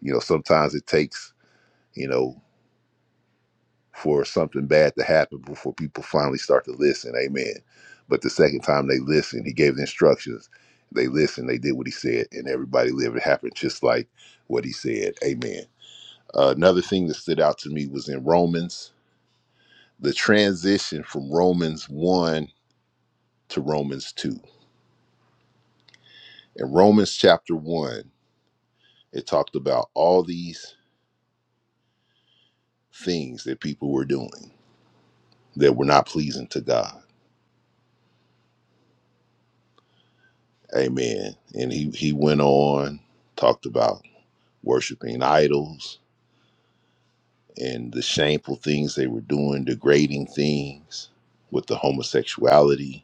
[SPEAKER 3] you know sometimes it takes you know for something bad to happen before people finally start to listen amen but the second time they listened he gave the instructions they listened they did what he said and everybody lived it happened just like what he said amen Uh, another thing that stood out to me was in Romans, the transition from Romans 1 to Romans 2. In Romans chapter 1, it talked about all these things that people were doing that were not pleasing to God. Amen. And he, he went on, talked about worshiping idols and the shameful things they were doing, degrading things with the homosexuality.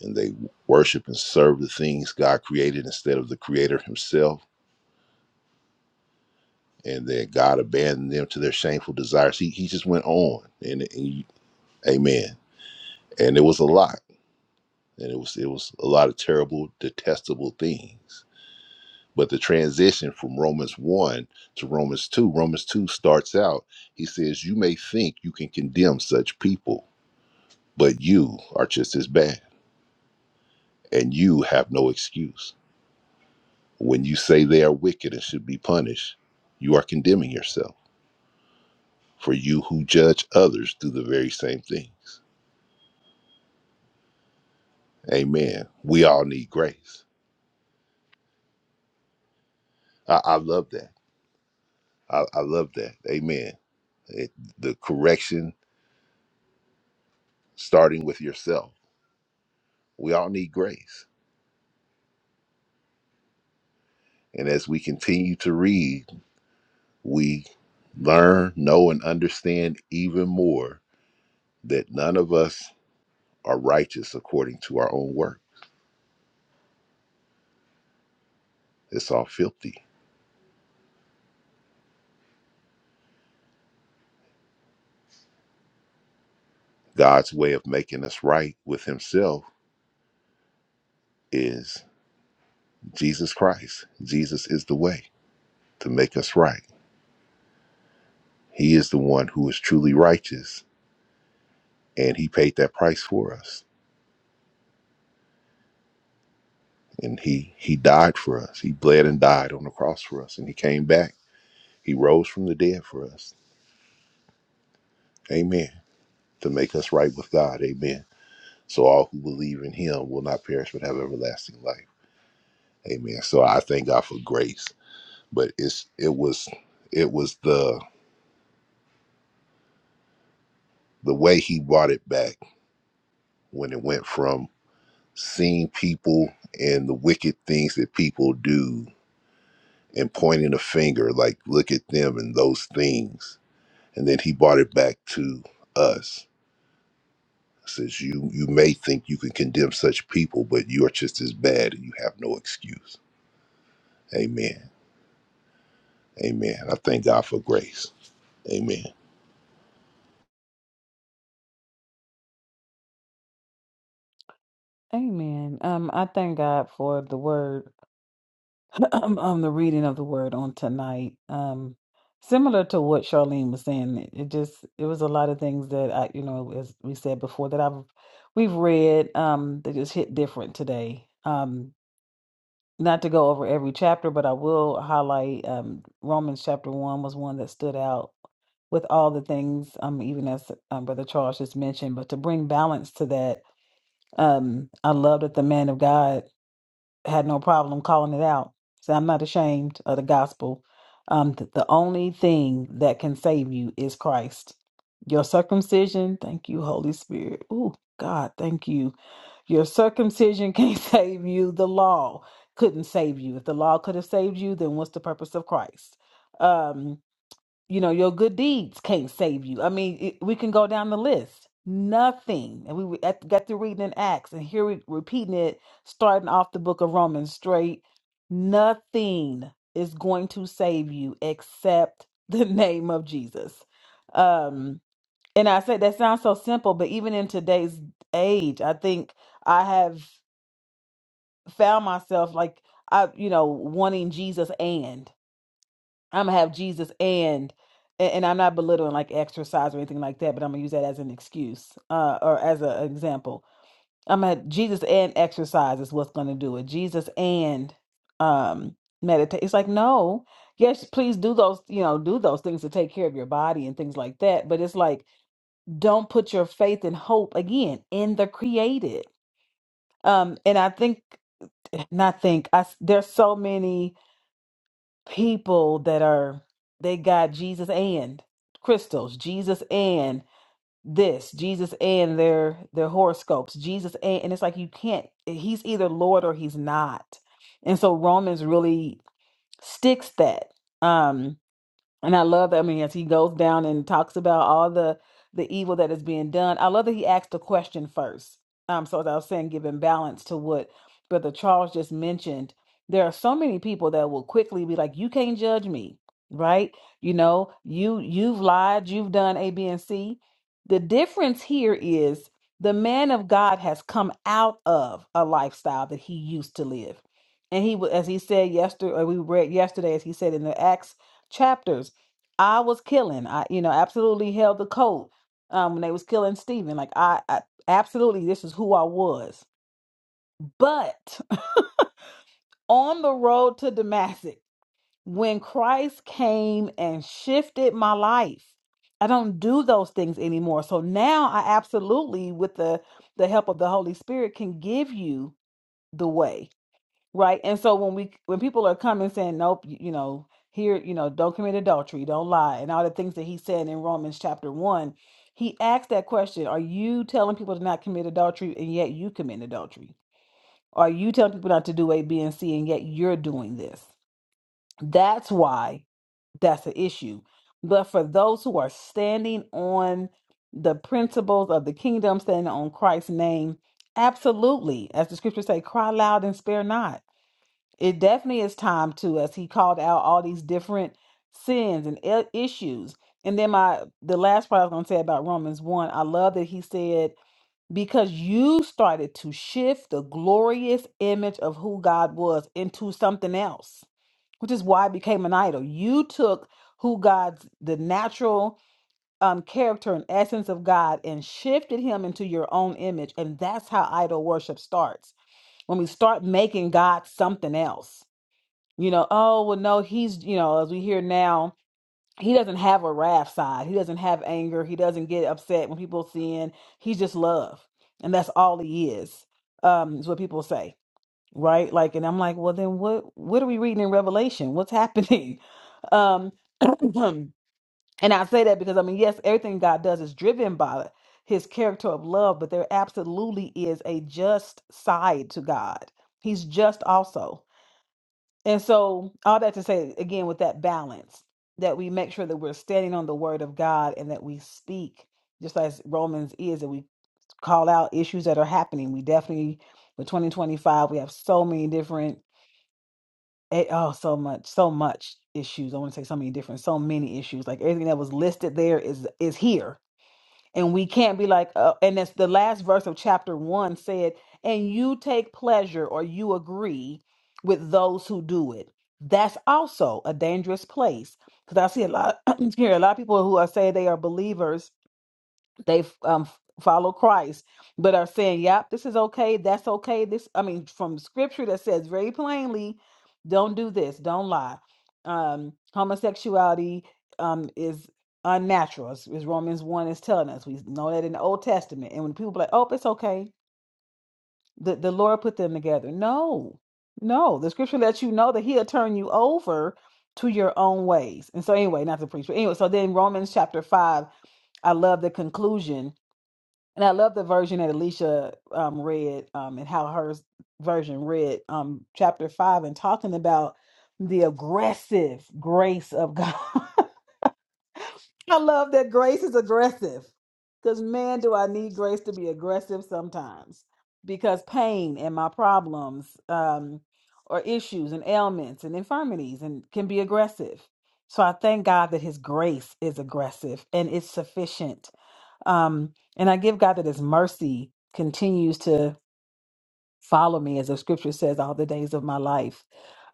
[SPEAKER 3] And they worship and serve the things God created instead of the Creator Himself and that God abandoned them to their shameful desires. He, he just went on, and, and you- Amen. And it was a lot, and it was it was a lot of terrible, detestable things. But the transition from Romans one to Romans two, Romans two starts out. He says, "You may think you can condemn such people, but you are just as bad, and you have no excuse. When you say they are wicked and should be punished, you are condemning yourself. For you who judge others do the very same thing." Amen. We all need grace. I, I love that. I, I love that. Amen. It, the correction starting with yourself. We all need grace. And as we continue to read, we learn, know, and understand even more that none of us are righteous according to our own work. It's all filthy. God's way of making us right with Himself is Jesus Christ. Jesus is the way to make us right. He is the one who is truly righteous and he paid that price for us and he he died for us he bled and died on the cross for us and he came back he rose from the dead for us amen to make us right with god amen so all who believe in him will not perish but have everlasting life amen so i thank god for grace but it's it was it was the the way he brought it back when it went from seeing people and the wicked things that people do and pointing a finger like look at them and those things and then he brought it back to us. Says you you may think you can condemn such people, but you are just as bad, and you have no excuse. Amen. Amen. I thank God for grace. Amen.
[SPEAKER 4] Amen. Um, I thank God for the word. um, um, the reading of the word on tonight. Um, similar to what Charlene was saying, it, it just it was a lot of things that I, you know, as we said before, that I've we've read um that just hit different today. Um, not to go over every chapter, but I will highlight um Romans chapter one was one that stood out with all the things, um, even as um, Brother Charles just mentioned, but to bring balance to that, um, I love that the man of God had no problem calling it out. So I'm not ashamed of the gospel. Um, th- the only thing that can save you is Christ. Your circumcision, thank you, Holy Spirit. Ooh, God, thank you. Your circumcision can't save you. The law couldn't save you. If the law could have saved you, then what's the purpose of Christ? Um, you know, your good deeds can't save you. I mean, it, we can go down the list. Nothing. And we were at, got through reading in Acts, and here we repeating it, starting off the book of Romans straight. Nothing is going to save you except the name of Jesus. Um, and I said that sounds so simple, but even in today's age, I think I have found myself like I, you know, wanting Jesus and. I'm gonna have Jesus and and and I'm not belittling like exercise or anything like that, but I'm gonna use that as an excuse uh, or as an example. I'm gonna Jesus and exercise is what's gonna do it. Jesus and um meditate. It's like no, yes, please do those you know do those things to take care of your body and things like that. But it's like don't put your faith and hope again in the created. Um, and I think not think I s- there's so many people that are they got Jesus and crystals, Jesus and this, Jesus and their their horoscopes, Jesus and and it's like you can't he's either Lord or he's not. And so Romans really sticks that. Um and I love that. I mean, as he goes down and talks about all the the evil that is being done, I love that he asked a question first. Um, so as I was saying, giving balance to what Brother Charles just mentioned, there are so many people that will quickly be like, "You can't judge me, right? You know, you you've lied, you've done A, B, and C." The difference here is the man of God has come out of a lifestyle that he used to live, and he, wa- as he said yesterday, or we read yesterday, as he said in the Acts chapters I was killing. I, you know, absolutely held the coat um, when they was killing Stephen. Like I, I absolutely, this is who I was. But on the road to Damascus, when Christ came and shifted my life, I don't do those things anymore. So now I absolutely, with the the help of the Holy Spirit, can give you the way. Right. And so when we when people are coming saying, Nope, you, you know, here, you know, don't commit adultery, don't lie, and all the things that he said in Romans chapter one, he asked that question, Are you telling people to not commit adultery and yet you commit adultery? Are you telling people not to do A, B, and C and yet you're doing this? That's why that's an issue. But for those who are standing on the principles of the kingdom, standing on Christ's name, absolutely, as the scriptures say, cry loud and spare not it definitely is time to us. He called out all these different sins and i- issues. And then my the last part I was going to say about Romans 1, I love that he said because you started to shift the glorious image of who God was into something else, which is why it became an idol. You took who God's the natural um, character and essence of God and shifted him into your own image. And that's how idol worship starts. When we start making God something else you know, oh, well, no, he's, you know, as we hear now, he doesn't have a wrath side. He doesn't have anger. He doesn't get upset when people sin. He's just love. And that's all he is, um, is what people say, right? Like, and I'm like, well, then what, what are we reading in Revelation? What's happening? Um, and I say that because, I mean, yes, everything God does is driven by his character of love, but there absolutely is a just side to God. He's just also. And so, all that to say, again, with that balance, that we make sure that we're standing on the word of God and that we speak, just as Romans is, that we call out issues that are happening. We definitely, with 2025, we have so many different, eh, oh, so much, so much issues. I want to say so many different, so many issues. Like everything that was listed there is is here and we can't be like, uh, and that's the last verse of chapter one said, and you take pleasure or you agree with those who do it. That's also a dangerous place because I see a lot, here a lot of people who are say they are believers they um follow Christ, but are saying, "Yep, this is okay. That's okay." This, I mean, from Scripture that says very plainly, "Don't do this. Don't lie." Um, homosexuality um is unnatural, as, as Romans one is telling us. We know that in the Old Testament. And when people are like, "Oh, it's okay," the the Lord put them together. No, no, the Scripture lets you know that He'll turn you over to your own ways. And so, anyway, not to preach, but anyway, so then Romans chapter five. I love the conclusion and I love the version that Alicia um, read um, and how her version read um, chapter five and talking about the aggressive grace of God. I love that grace is aggressive because, man, do I need grace to be aggressive sometimes because pain and my problems um, or issues and ailments and infirmities and can be aggressive. So I thank God that his grace is aggressive and it's sufficient um, and I give God that His mercy continues to follow me, as the scripture says, all the days of my life.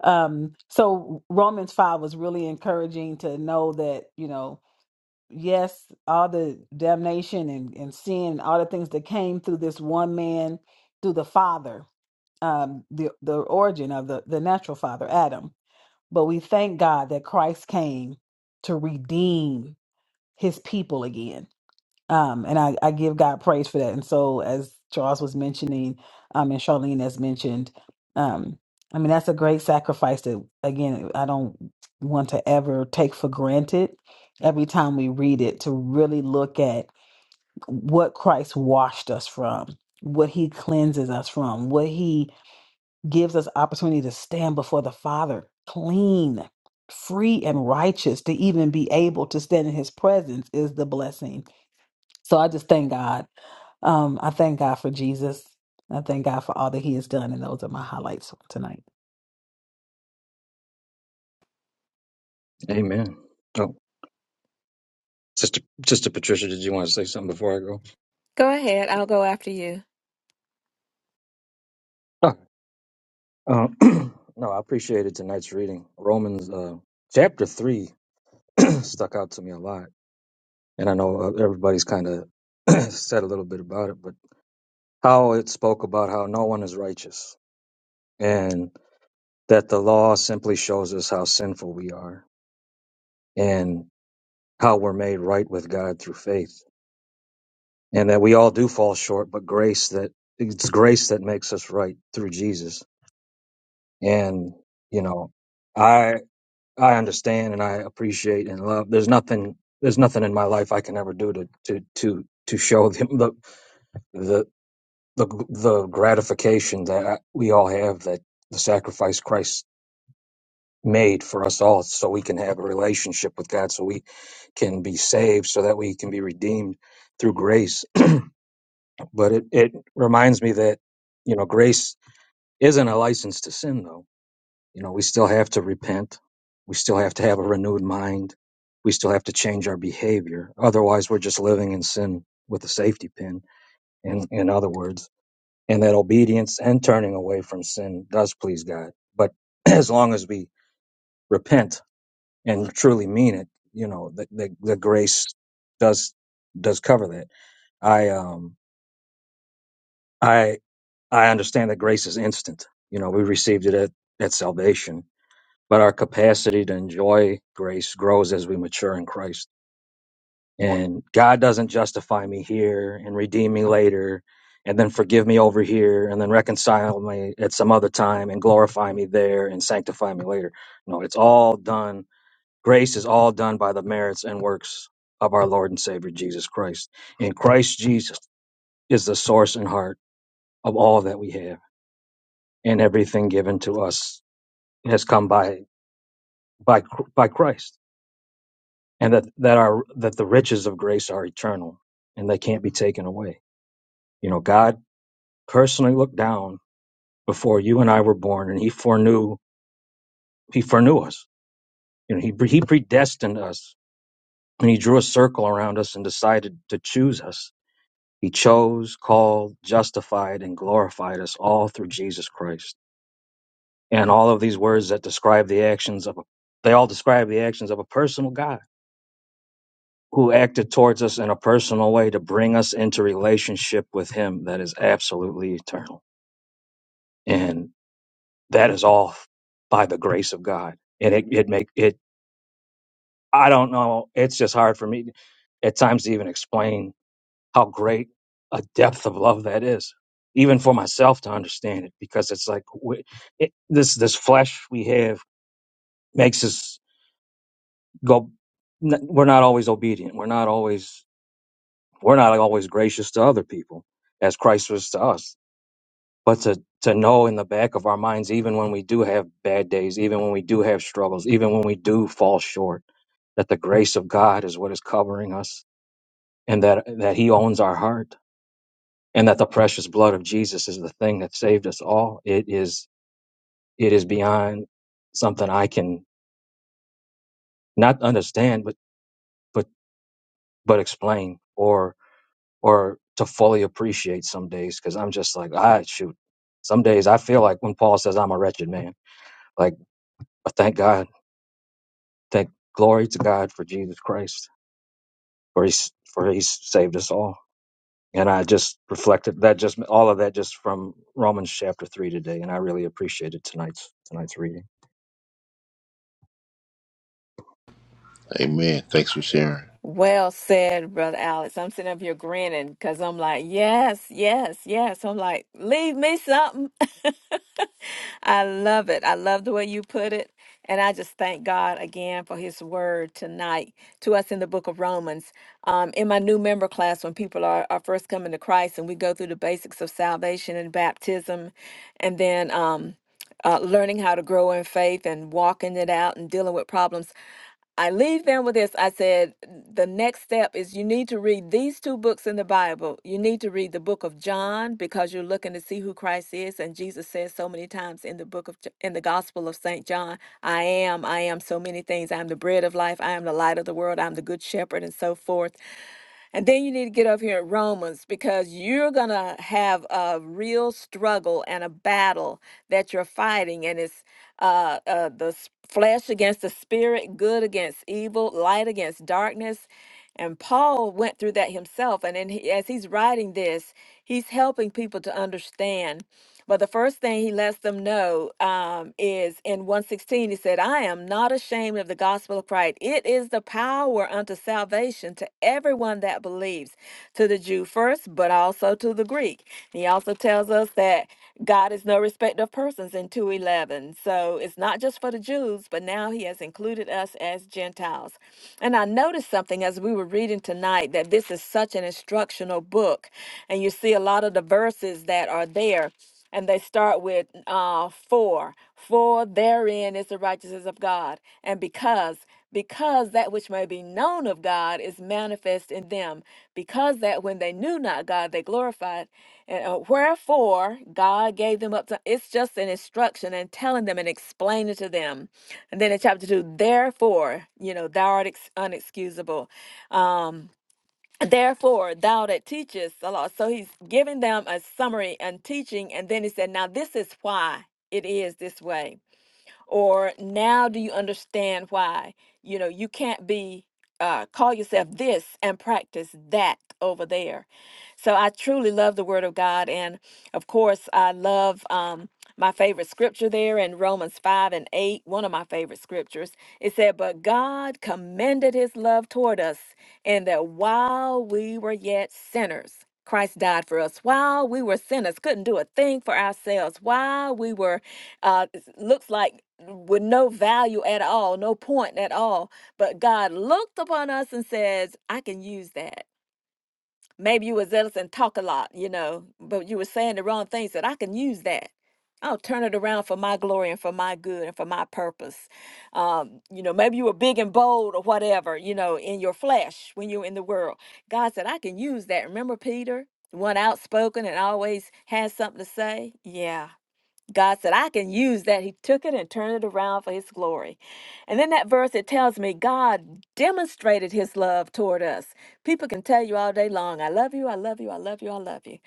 [SPEAKER 4] Um, so Romans 5 was really encouraging to know that, you know, yes, all the damnation and, and sin and all the things that came through this one man, through the Father, um, the, the origin of the, the natural father, Adam. But we thank God that Christ came to redeem his people again um, and I, I give God praise for that. And so, as Charles was mentioning, um, and Charlene has mentioned, um, I mean, that's a great sacrifice that, again, I don't want to ever take for granted every time we read it to really look at what Christ washed us from, what he cleanses us from, what he gives us opportunity to stand before the Father clean, free, and righteous to even be able to stand in his presence is the blessing. So I just thank God um, I thank God for Jesus. I thank God for all that He has done, and those are my highlights for tonight.
[SPEAKER 7] Amen. Oh, Sister, Sister Patricia, did you want to say something before I go?
[SPEAKER 5] Go ahead, I'll go after you.
[SPEAKER 7] Oh, uh, no, I appreciated tonight's reading. Romans uh, chapter 3 stuck out to me a lot. And I know uh, everybody's kind of said a little bit about it, but how it spoke about how no one is righteous and that the law simply shows us how sinful we are and how we're made right with God through faith and that we all do fall short, but grace that it's grace that makes us right through Jesus and you know i i understand and i appreciate and love there's nothing there's nothing in my life i can ever do to to to to show them the the the, the gratification that I, we all have that the sacrifice christ made for us all so we can have a relationship with god so we can be saved so that we can be redeemed through grace but it, it reminds me that you know grace isn't a license to sin though You know, we still have to repent. We still have to have a renewed mind. We still have to change our behavior. Otherwise, we're just living in sin with a safety pin, in, in other words. And that obedience and turning away from sin does please God. But as long as we repent and truly mean it, you know, the, the, the grace does does cover that. I um I I understand that grace is instant. You know, we received it at, at salvation but our capacity to enjoy grace grows as we mature in Christ. And God doesn't justify me here and redeem me later and then forgive me over here and then reconcile me at some other time and glorify me there and sanctify me later. No, it's all done. Grace is all done by the merits and works of our Lord and Savior Jesus Christ. And Christ Jesus is the source and heart of all that we have and everything given to us has come by by by Christ. and that that are that the riches of grace are eternal and they can't be taken away you know god personally looked down before you and i were born and he foreknew he foreknew us you know he, he predestined us and he drew a circle around us and decided to choose us he chose called justified and glorified us all through jesus christ and all of these words that describe the actions of a they all describe the actions of a personal god who acted towards us in a personal way to bring us into relationship with him that is absolutely eternal and that is all by the grace of god and it, it make it i don't know it's just hard for me at times to even explain how great a depth of love that is even for myself to understand it because it's like we, it, this this flesh we have makes us go n- we're not always obedient we're not always We're not always gracious to other people as Christ was to us. But to, to know in the back of our minds, even when we do have bad days, even when we do have struggles, even when we do fall short, that the grace of God is what is covering us and that, that He owns our heart and that the precious blood of Jesus is the thing that saved us all. It is, it is beyond something I can not understand, but, but, but explain or to fully appreciate some days because I'm just like, ah, shoot. Some days I feel like when Paul says I'm a wretched man, like I thank God, thank glory to God for Jesus Christ, for he's for he's saved us all. And I just reflected that just all of that just from Romans chapter three today, and I really appreciated tonight's tonight's reading.
[SPEAKER 3] Amen. Thanks for sharing.
[SPEAKER 5] Well said, Brother Alex. I'm sitting up here grinning because I'm like, yes, yes, yes. I'm like, leave me something. I love it. I love the way you put it. And I just thank God again for his word tonight to us in the book of Romans. Um, in my new member class, when people are, are first coming to Christ and we go through the basics of salvation and baptism and then um, uh, learning how to grow in faith and walking it out and dealing with problems. I leave them with this. I said, the next step is you need to read these two books in the Bible. You need to read the book of John because you're looking to see who Christ is. And Jesus says so many times in the book of, J- in the Gospel of St. John, I am, I am so many things. I am the bread of life. I am the light of the world. I'm the good shepherd and so forth. And then you need to get over here in Romans because you're going to have a real struggle and a battle that you're fighting. And it's uh, uh, the s- flesh against the spirit, good against evil, light against darkness. And Paul went through that himself. And then he, as he's writing this, he's helping people to understand. But the first thing he lets them know um, is in 116, he said, I am not ashamed of the gospel of Christ. It is the power unto salvation to everyone that believes, to the Jew first, but also to the Greek. He also tells us that God is no respecter of persons in 211. So it's not just for the Jews, but now he has included us as Gentiles. And I noticed something as we were reading tonight that this is such an instructional book. And you see a lot of the verses that are there and they start with uh, for for therein is the righteousness of god and because because that which may be known of god is manifest in them because that when they knew not god they glorified and uh, wherefore god gave them up to it's just an instruction and telling them and explaining to them and then in chapter 2 therefore you know thou art ex- unexcusable Um, Therefore, thou that teachest the law. So he's giving them a summary and teaching, and then he said, Now this is why it is this way. Or now do you understand why? You know, you can't be uh call yourself this and practice that over there. So I truly love the Word of God. And of course, I love um, my favorite scripture there in Romans 5 and 8, one of my favorite scriptures. It said, But God commended his love toward us, and that while we were yet sinners, Christ died for us while we were sinners, couldn't do a thing for ourselves, while we were, uh, looks like with no value at all, no point at all. But God looked upon us and says, I can use that maybe you were zealous and talk a lot, you know, but you were saying the wrong things that I can use that. I'll turn it around for my glory and for my good and for my purpose. Um, you know, maybe you were big and bold or whatever, you know, in your flesh when you were in the world. God said, I can use that. Remember Peter, the one outspoken and always has something to say? Yeah. God said, I can use that. He took it and turned it around for his glory. And then that verse, it tells me God demonstrated his love toward us. People can tell you all day long, I love you, I love you, I love you, I love you.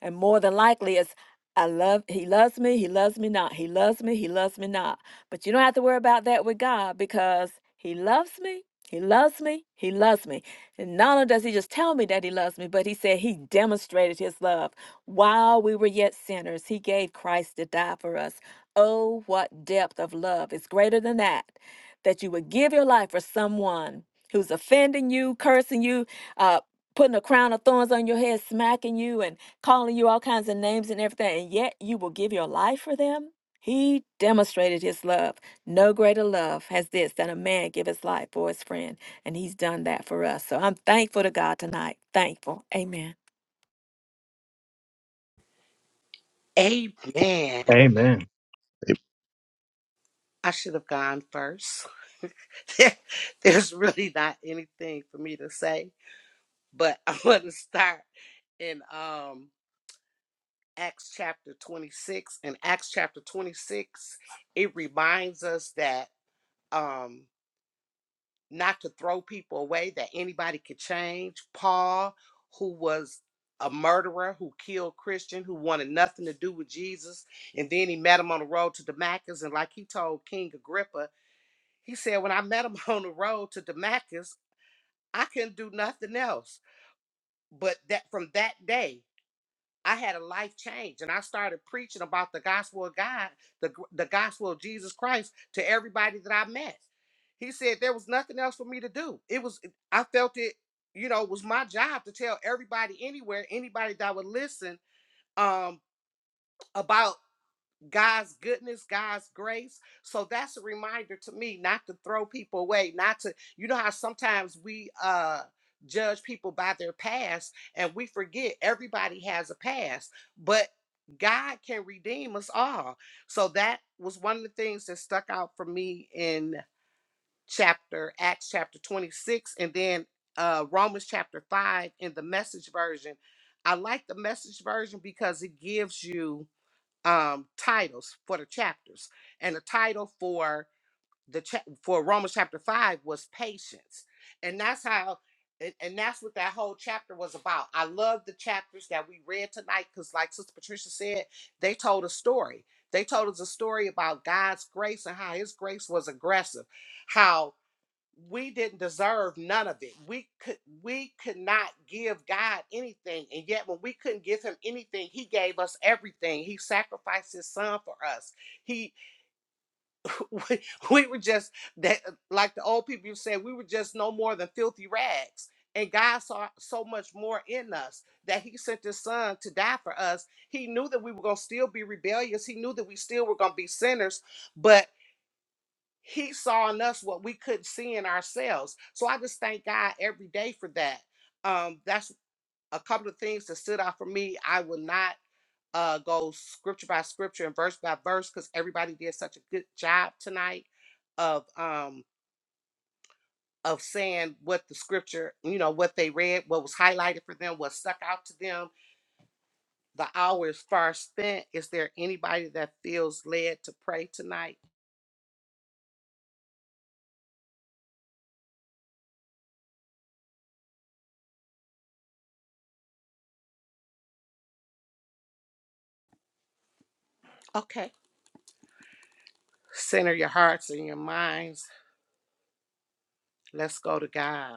[SPEAKER 5] And more than likely, it's, I love, he loves me, he loves me not. He loves me, he loves me not. But you don't have to worry about that with God because he loves me, he loves me, he loves me. And not only does he just tell me that he loves me, but he said he demonstrated his love. While we were yet sinners, he gave Christ to die for us. Oh, what depth of love is greater than that, that you would give your life for someone who's offending you, cursing you, uh, putting a crown of thorns on your head, smacking you, and calling you all kinds of names and everything, and yet you will give your life for them? He demonstrated his love. No greater love has this than a man give his life for his friend, and he's done that for us. So I'm thankful to God tonight. Thankful. Amen.
[SPEAKER 1] Amen.
[SPEAKER 7] Amen.
[SPEAKER 3] A-
[SPEAKER 1] I should have gone first. There's really not anything for me to say, but I want to start and um Acts chapter 26. In Acts chapter 26, it reminds us that um, not to throw people away, that anybody could change. Paul, who was a murderer, who killed Christian, who wanted nothing to do with Jesus, and then he met him on the road to Damascus. And like he told King Agrippa, he said, When I met him on the road to Damascus, I couldn't do nothing else. But that from that day, I had a life change and I started preaching about the gospel of God, the, gr- the gospel of Jesus Christ to everybody that I met. He said there was nothing else for me to do. It was, I felt it, you know, was my job to tell everybody anywhere, anybody that would listen um, about God's goodness, God's grace. So that's a reminder to me not to throw people away, not to, you know how sometimes we uh judge people by their past and we forget everybody has a past, but God can redeem us all. So that was one of the things that stuck out for me in chapter Acts chapter 26 and then uh Romans chapter 5 in the message version. I like the message version because it gives you um, titles for the chapters, and the title for the cha- for Romans chapter five was patience, and that's how, and, and that's what that whole chapter was about. I love the chapters that we read tonight because, like Sister Patricia said, they told a story. They told us a story about God's grace and how His grace was aggressive, how we didn't deserve none of it. We could we could not give God anything. And yet when we couldn't give him anything, he gave us everything. He sacrificed his son for us. He we, we were just that uh, like the old people said, we were just no more than filthy rags. And God saw so much more in us that he sent his son to die for us. He knew that we were going to still be rebellious. He knew that we still were going to be sinners, but he saw in us what we couldn't see in ourselves. So I just thank God every day for that. Um, that's a couple of things that stood out for me. I will not uh, go scripture by scripture and verse by verse because everybody did such a good job tonight of um, of saying what the scripture, you know, what they read, what was highlighted for them, what stuck out to them. The hour is far spent. Is there anybody that feels led to pray tonight? Okay. Center your hearts and your minds. Let's go to God.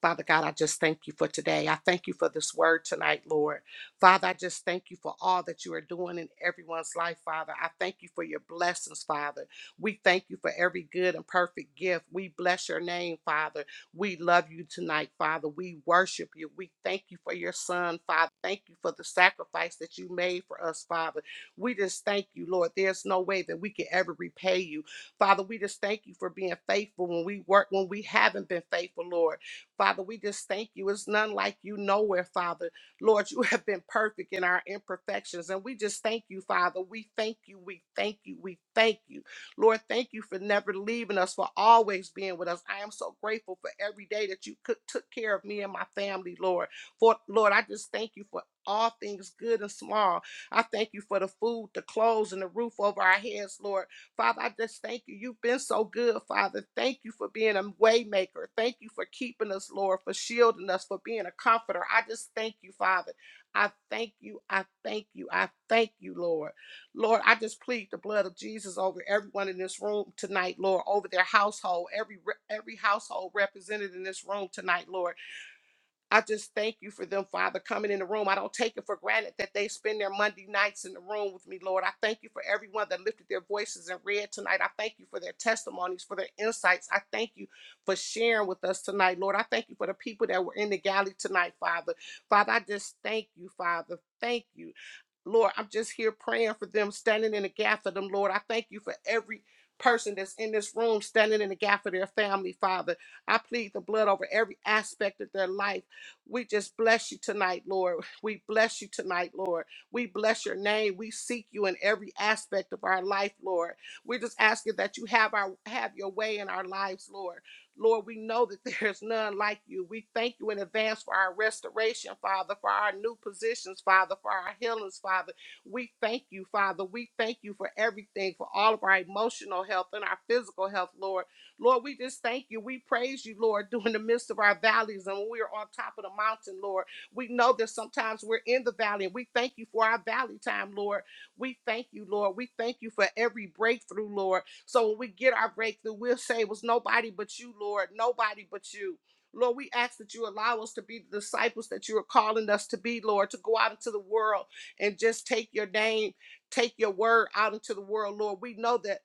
[SPEAKER 1] Father God, I just thank you for today. I thank you for this word tonight, Lord. Father, I just thank you for all that you are doing in everyone's life, Father. I thank you for your blessings, Father. We thank you for every good and perfect gift. We bless your name, Father. We love you tonight, Father. We worship you. We thank you for your son, Father. Thank you for the sacrifice that you made for us, Father. We just thank you, Lord. There's no way that we can ever repay you. Father, we just thank you for being faithful when we work when we haven't been faithful, Lord. Father, we just thank you. It's none like you nowhere, Father. Lord, you have been perfect in our imperfections. And we just thank you, Father. We thank you. We thank you. We thank you. Lord, thank you for never leaving us, for always being with us. I am so grateful for every day that you cook- took care of me and my family, Lord. For Lord, I just thank you for all things good and small. I thank you for the food, the clothes, and the roof over our heads, Lord. Father, I just thank you. You've been so good, Father. Thank you for being a waymaker. Thank you for keeping us, Lord, for shielding us, for being a comforter. I just thank you, Father. I thank you. I thank you. I thank you, Lord. Lord, I just plead the blood of Jesus over everyone in this room tonight, Lord, over their household, every every household represented in this room tonight, Lord. I just thank you for them, Father, coming in the room. I don't take it for granted that they spend their Monday nights in the room with me, Lord. I thank you for everyone that lifted their voices and read tonight. I thank you for their testimonies, for their insights. I thank you for sharing with us tonight, Lord. I thank you for the people that were in the galley tonight, Father. Father, I just thank you, Father. Thank you. Lord, I'm just here praying for them, standing in the gap for them, Lord. I thank you for every person that's in this room standing in the gap for their family, Father. I plead the blood over every aspect of their life. We just bless you tonight, Lord. We bless you tonight, Lord. We bless your name. We seek you in every aspect of our life, Lord. We're just asking that you have our have your way in our lives, Lord. Lord, we know that there's none like you. We thank you in advance for our restoration, Father, for our new positions, Father, for our healings, Father. We thank you, Father. We thank you for everything, for all of our emotional health and our physical health, Lord. Lord, we just thank you. We praise you, Lord, during the midst of our valleys and when we are on top of the mountain, Lord. We know that sometimes we're in the valley and we thank you for our valley time, Lord. We thank you, Lord. We thank you for every breakthrough, Lord. So when we get our breakthrough, we'll say it was nobody but you, Lord, nobody but you. Lord, we ask that you allow us to be the disciples that you are calling us to be, Lord, to go out into the world and just take your name, take your word out into the world, Lord. We know that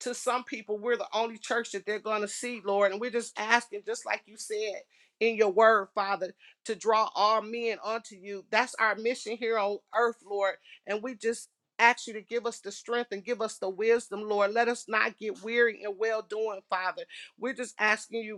[SPEAKER 1] to some people, we're the only church that they're going to see, Lord. And we're just asking, just like you said in your word, Father, to draw all men unto you. That's our mission here on earth, Lord. And we just ask you to give us the strength and give us the wisdom, Lord. Let us not get weary in well doing, Father. We're just asking you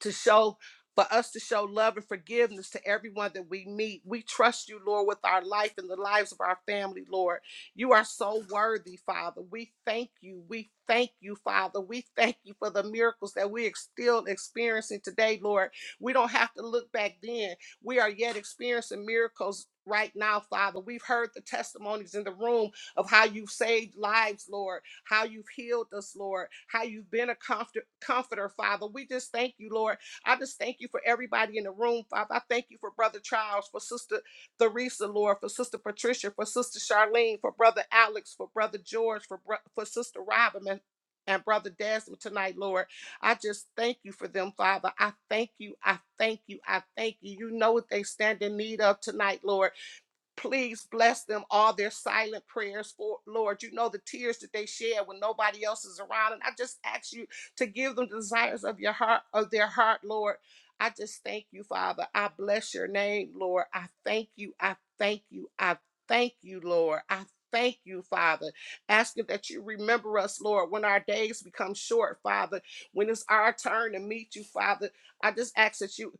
[SPEAKER 1] to show for us to show love and forgiveness to everyone that we meet. We trust you, Lord, with our life and the lives of our family, Lord. You are so worthy, Father. We thank you. We thank you, Father. We thank you for the miracles that we are still experiencing today, Lord. We don't have to look back then. We are yet experiencing miracles right now, Father. We've heard the testimonies in the room of how you've saved lives, Lord, how you've healed us, Lord, how you've been a comfort, comforter, Father. We just thank you, Lord. I just thank you for everybody in the room, Father. I thank you for Brother Charles, for Sister Theresa, Lord, for Sister Patricia, for Sister Charlene, for Brother Alex, for Brother George, for, bro- for Sister Robin, and, and Brother Desmond tonight, Lord. I just thank you for them, Father. I thank you. I thank you. I thank you. You know what they stand in need of tonight, Lord. Please bless them all their silent prayers for Lord. You know the tears that they shed when nobody else is around. And I just ask you to give them the desires of your heart, of their heart, Lord. I just thank you, Father. I bless your name, Lord. I thank you. I thank you. I thank you, Lord. I thank you, Father. Asking that you remember us, Lord, when our days become short, Father. When it's our turn to meet you, Father. I just ask that you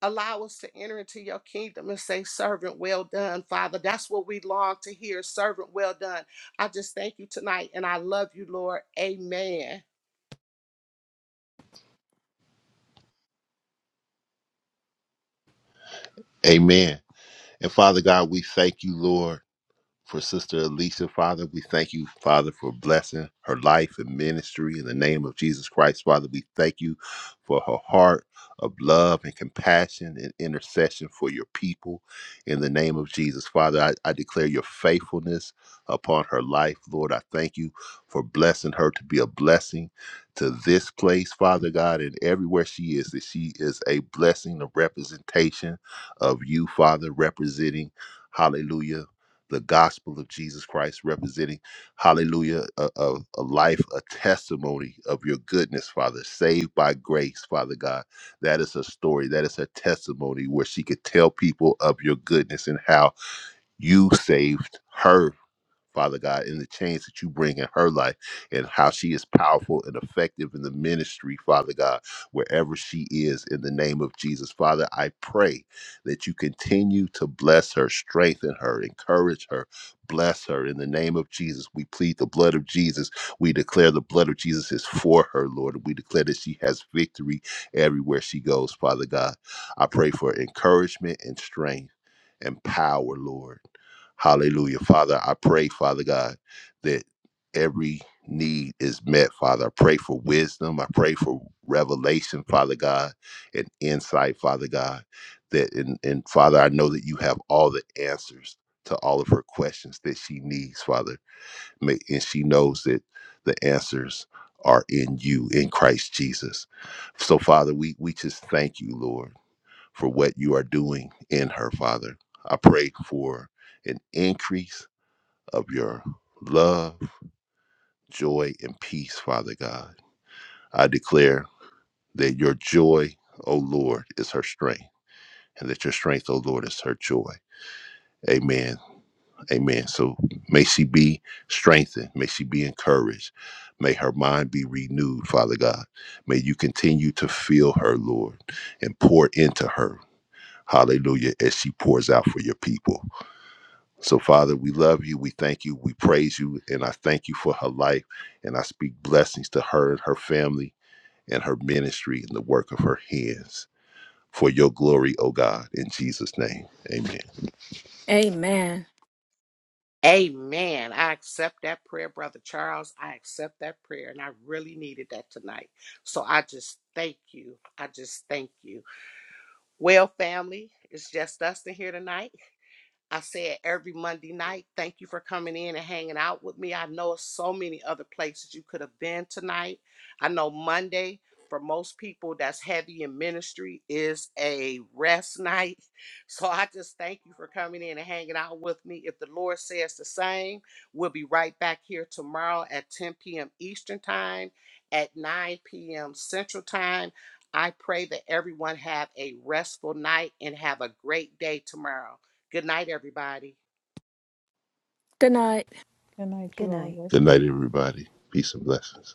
[SPEAKER 1] Allow us to enter into your kingdom and say, Servant, well done, Father. That's what we long to hear. Servant, well done. I just thank you tonight and I love you, Lord. Amen.
[SPEAKER 3] Amen. And Father God, we thank you, Lord. for Sister Alicia, Father. We thank you, Father, for blessing her life and ministry in the name of Jesus Christ, Father. We thank you for her heart of love and compassion and intercession for your people in the name of Jesus, Father. I, I declare your faithfulness upon her life, Lord. I thank you for blessing her to be a blessing to this place, Father God, and everywhere she is, that she is a blessing, a representation of you, Father, representing. Hallelujah the gospel of Jesus Christ, representing, hallelujah, a, a, a life, a testimony of your goodness, Father, saved by grace, Father God. That is a story, that is a testimony where she could tell people of your goodness and how you saved her Father God, in the change that you bring in her life and how she is powerful and effective in the ministry, Father God, wherever she is, in the name of Jesus. Father, I pray that you continue to bless her, strengthen her, encourage her, bless her in the name of Jesus. We plead the blood of Jesus. We declare the blood of Jesus is for her, Lord. We declare that she has victory everywhere she goes, Father God. I pray for encouragement and strength and power, Lord Hallelujah. Father, I pray, Father God, that every need is met, Father. I pray for wisdom. I pray for revelation, Father God, and insight, Father God. That and, and Father, I know that you have all the answers to all of her questions that she needs, Father. May, and she knows that the answers are in you, in Christ Jesus. So, Father, we we just thank you, Lord for what you are doing in her, Father. I pray for an increase of your love, joy, and peace, Father God. I declare that your joy, O Lord, is her strength, and that your strength, O Lord, is her joy. Amen. Amen. So may she be strengthened. May she be encouraged. May her mind be renewed, Father God. May you continue to fill her, Lord, and pour into her. Hallelujah. As she pours out for your people. So, Father, we love you. We thank you. We praise you. And I thank you for her life. And I speak blessings to her and her family and her ministry and the work of her hands for your glory, O God, in Jesus' name. Amen.
[SPEAKER 5] Amen.
[SPEAKER 1] Amen. I accept that prayer, Brother Charles. I accept that prayer and I really needed that tonight. So I just thank you. I just thank you. Well, family, it's just us in here tonight. I said every Monday night, thank you for coming in and hanging out with me. I know so many other places you could have been tonight. I know Monday, for most people that's heavy in ministry, is a rest night. So I just thank you for coming in and hanging out with me. If the Lord says the same, we'll be right back here tomorrow at 10 p.m. Eastern Time, at 9 p.m. Central Time. I pray that everyone have a restful night and have a great day tomorrow. Good night, everybody.
[SPEAKER 5] Good night.
[SPEAKER 4] Good night, you
[SPEAKER 6] Good
[SPEAKER 4] all.
[SPEAKER 6] night.
[SPEAKER 3] Good
[SPEAKER 4] Rest well.
[SPEAKER 3] night, everybody. Peace and blessings.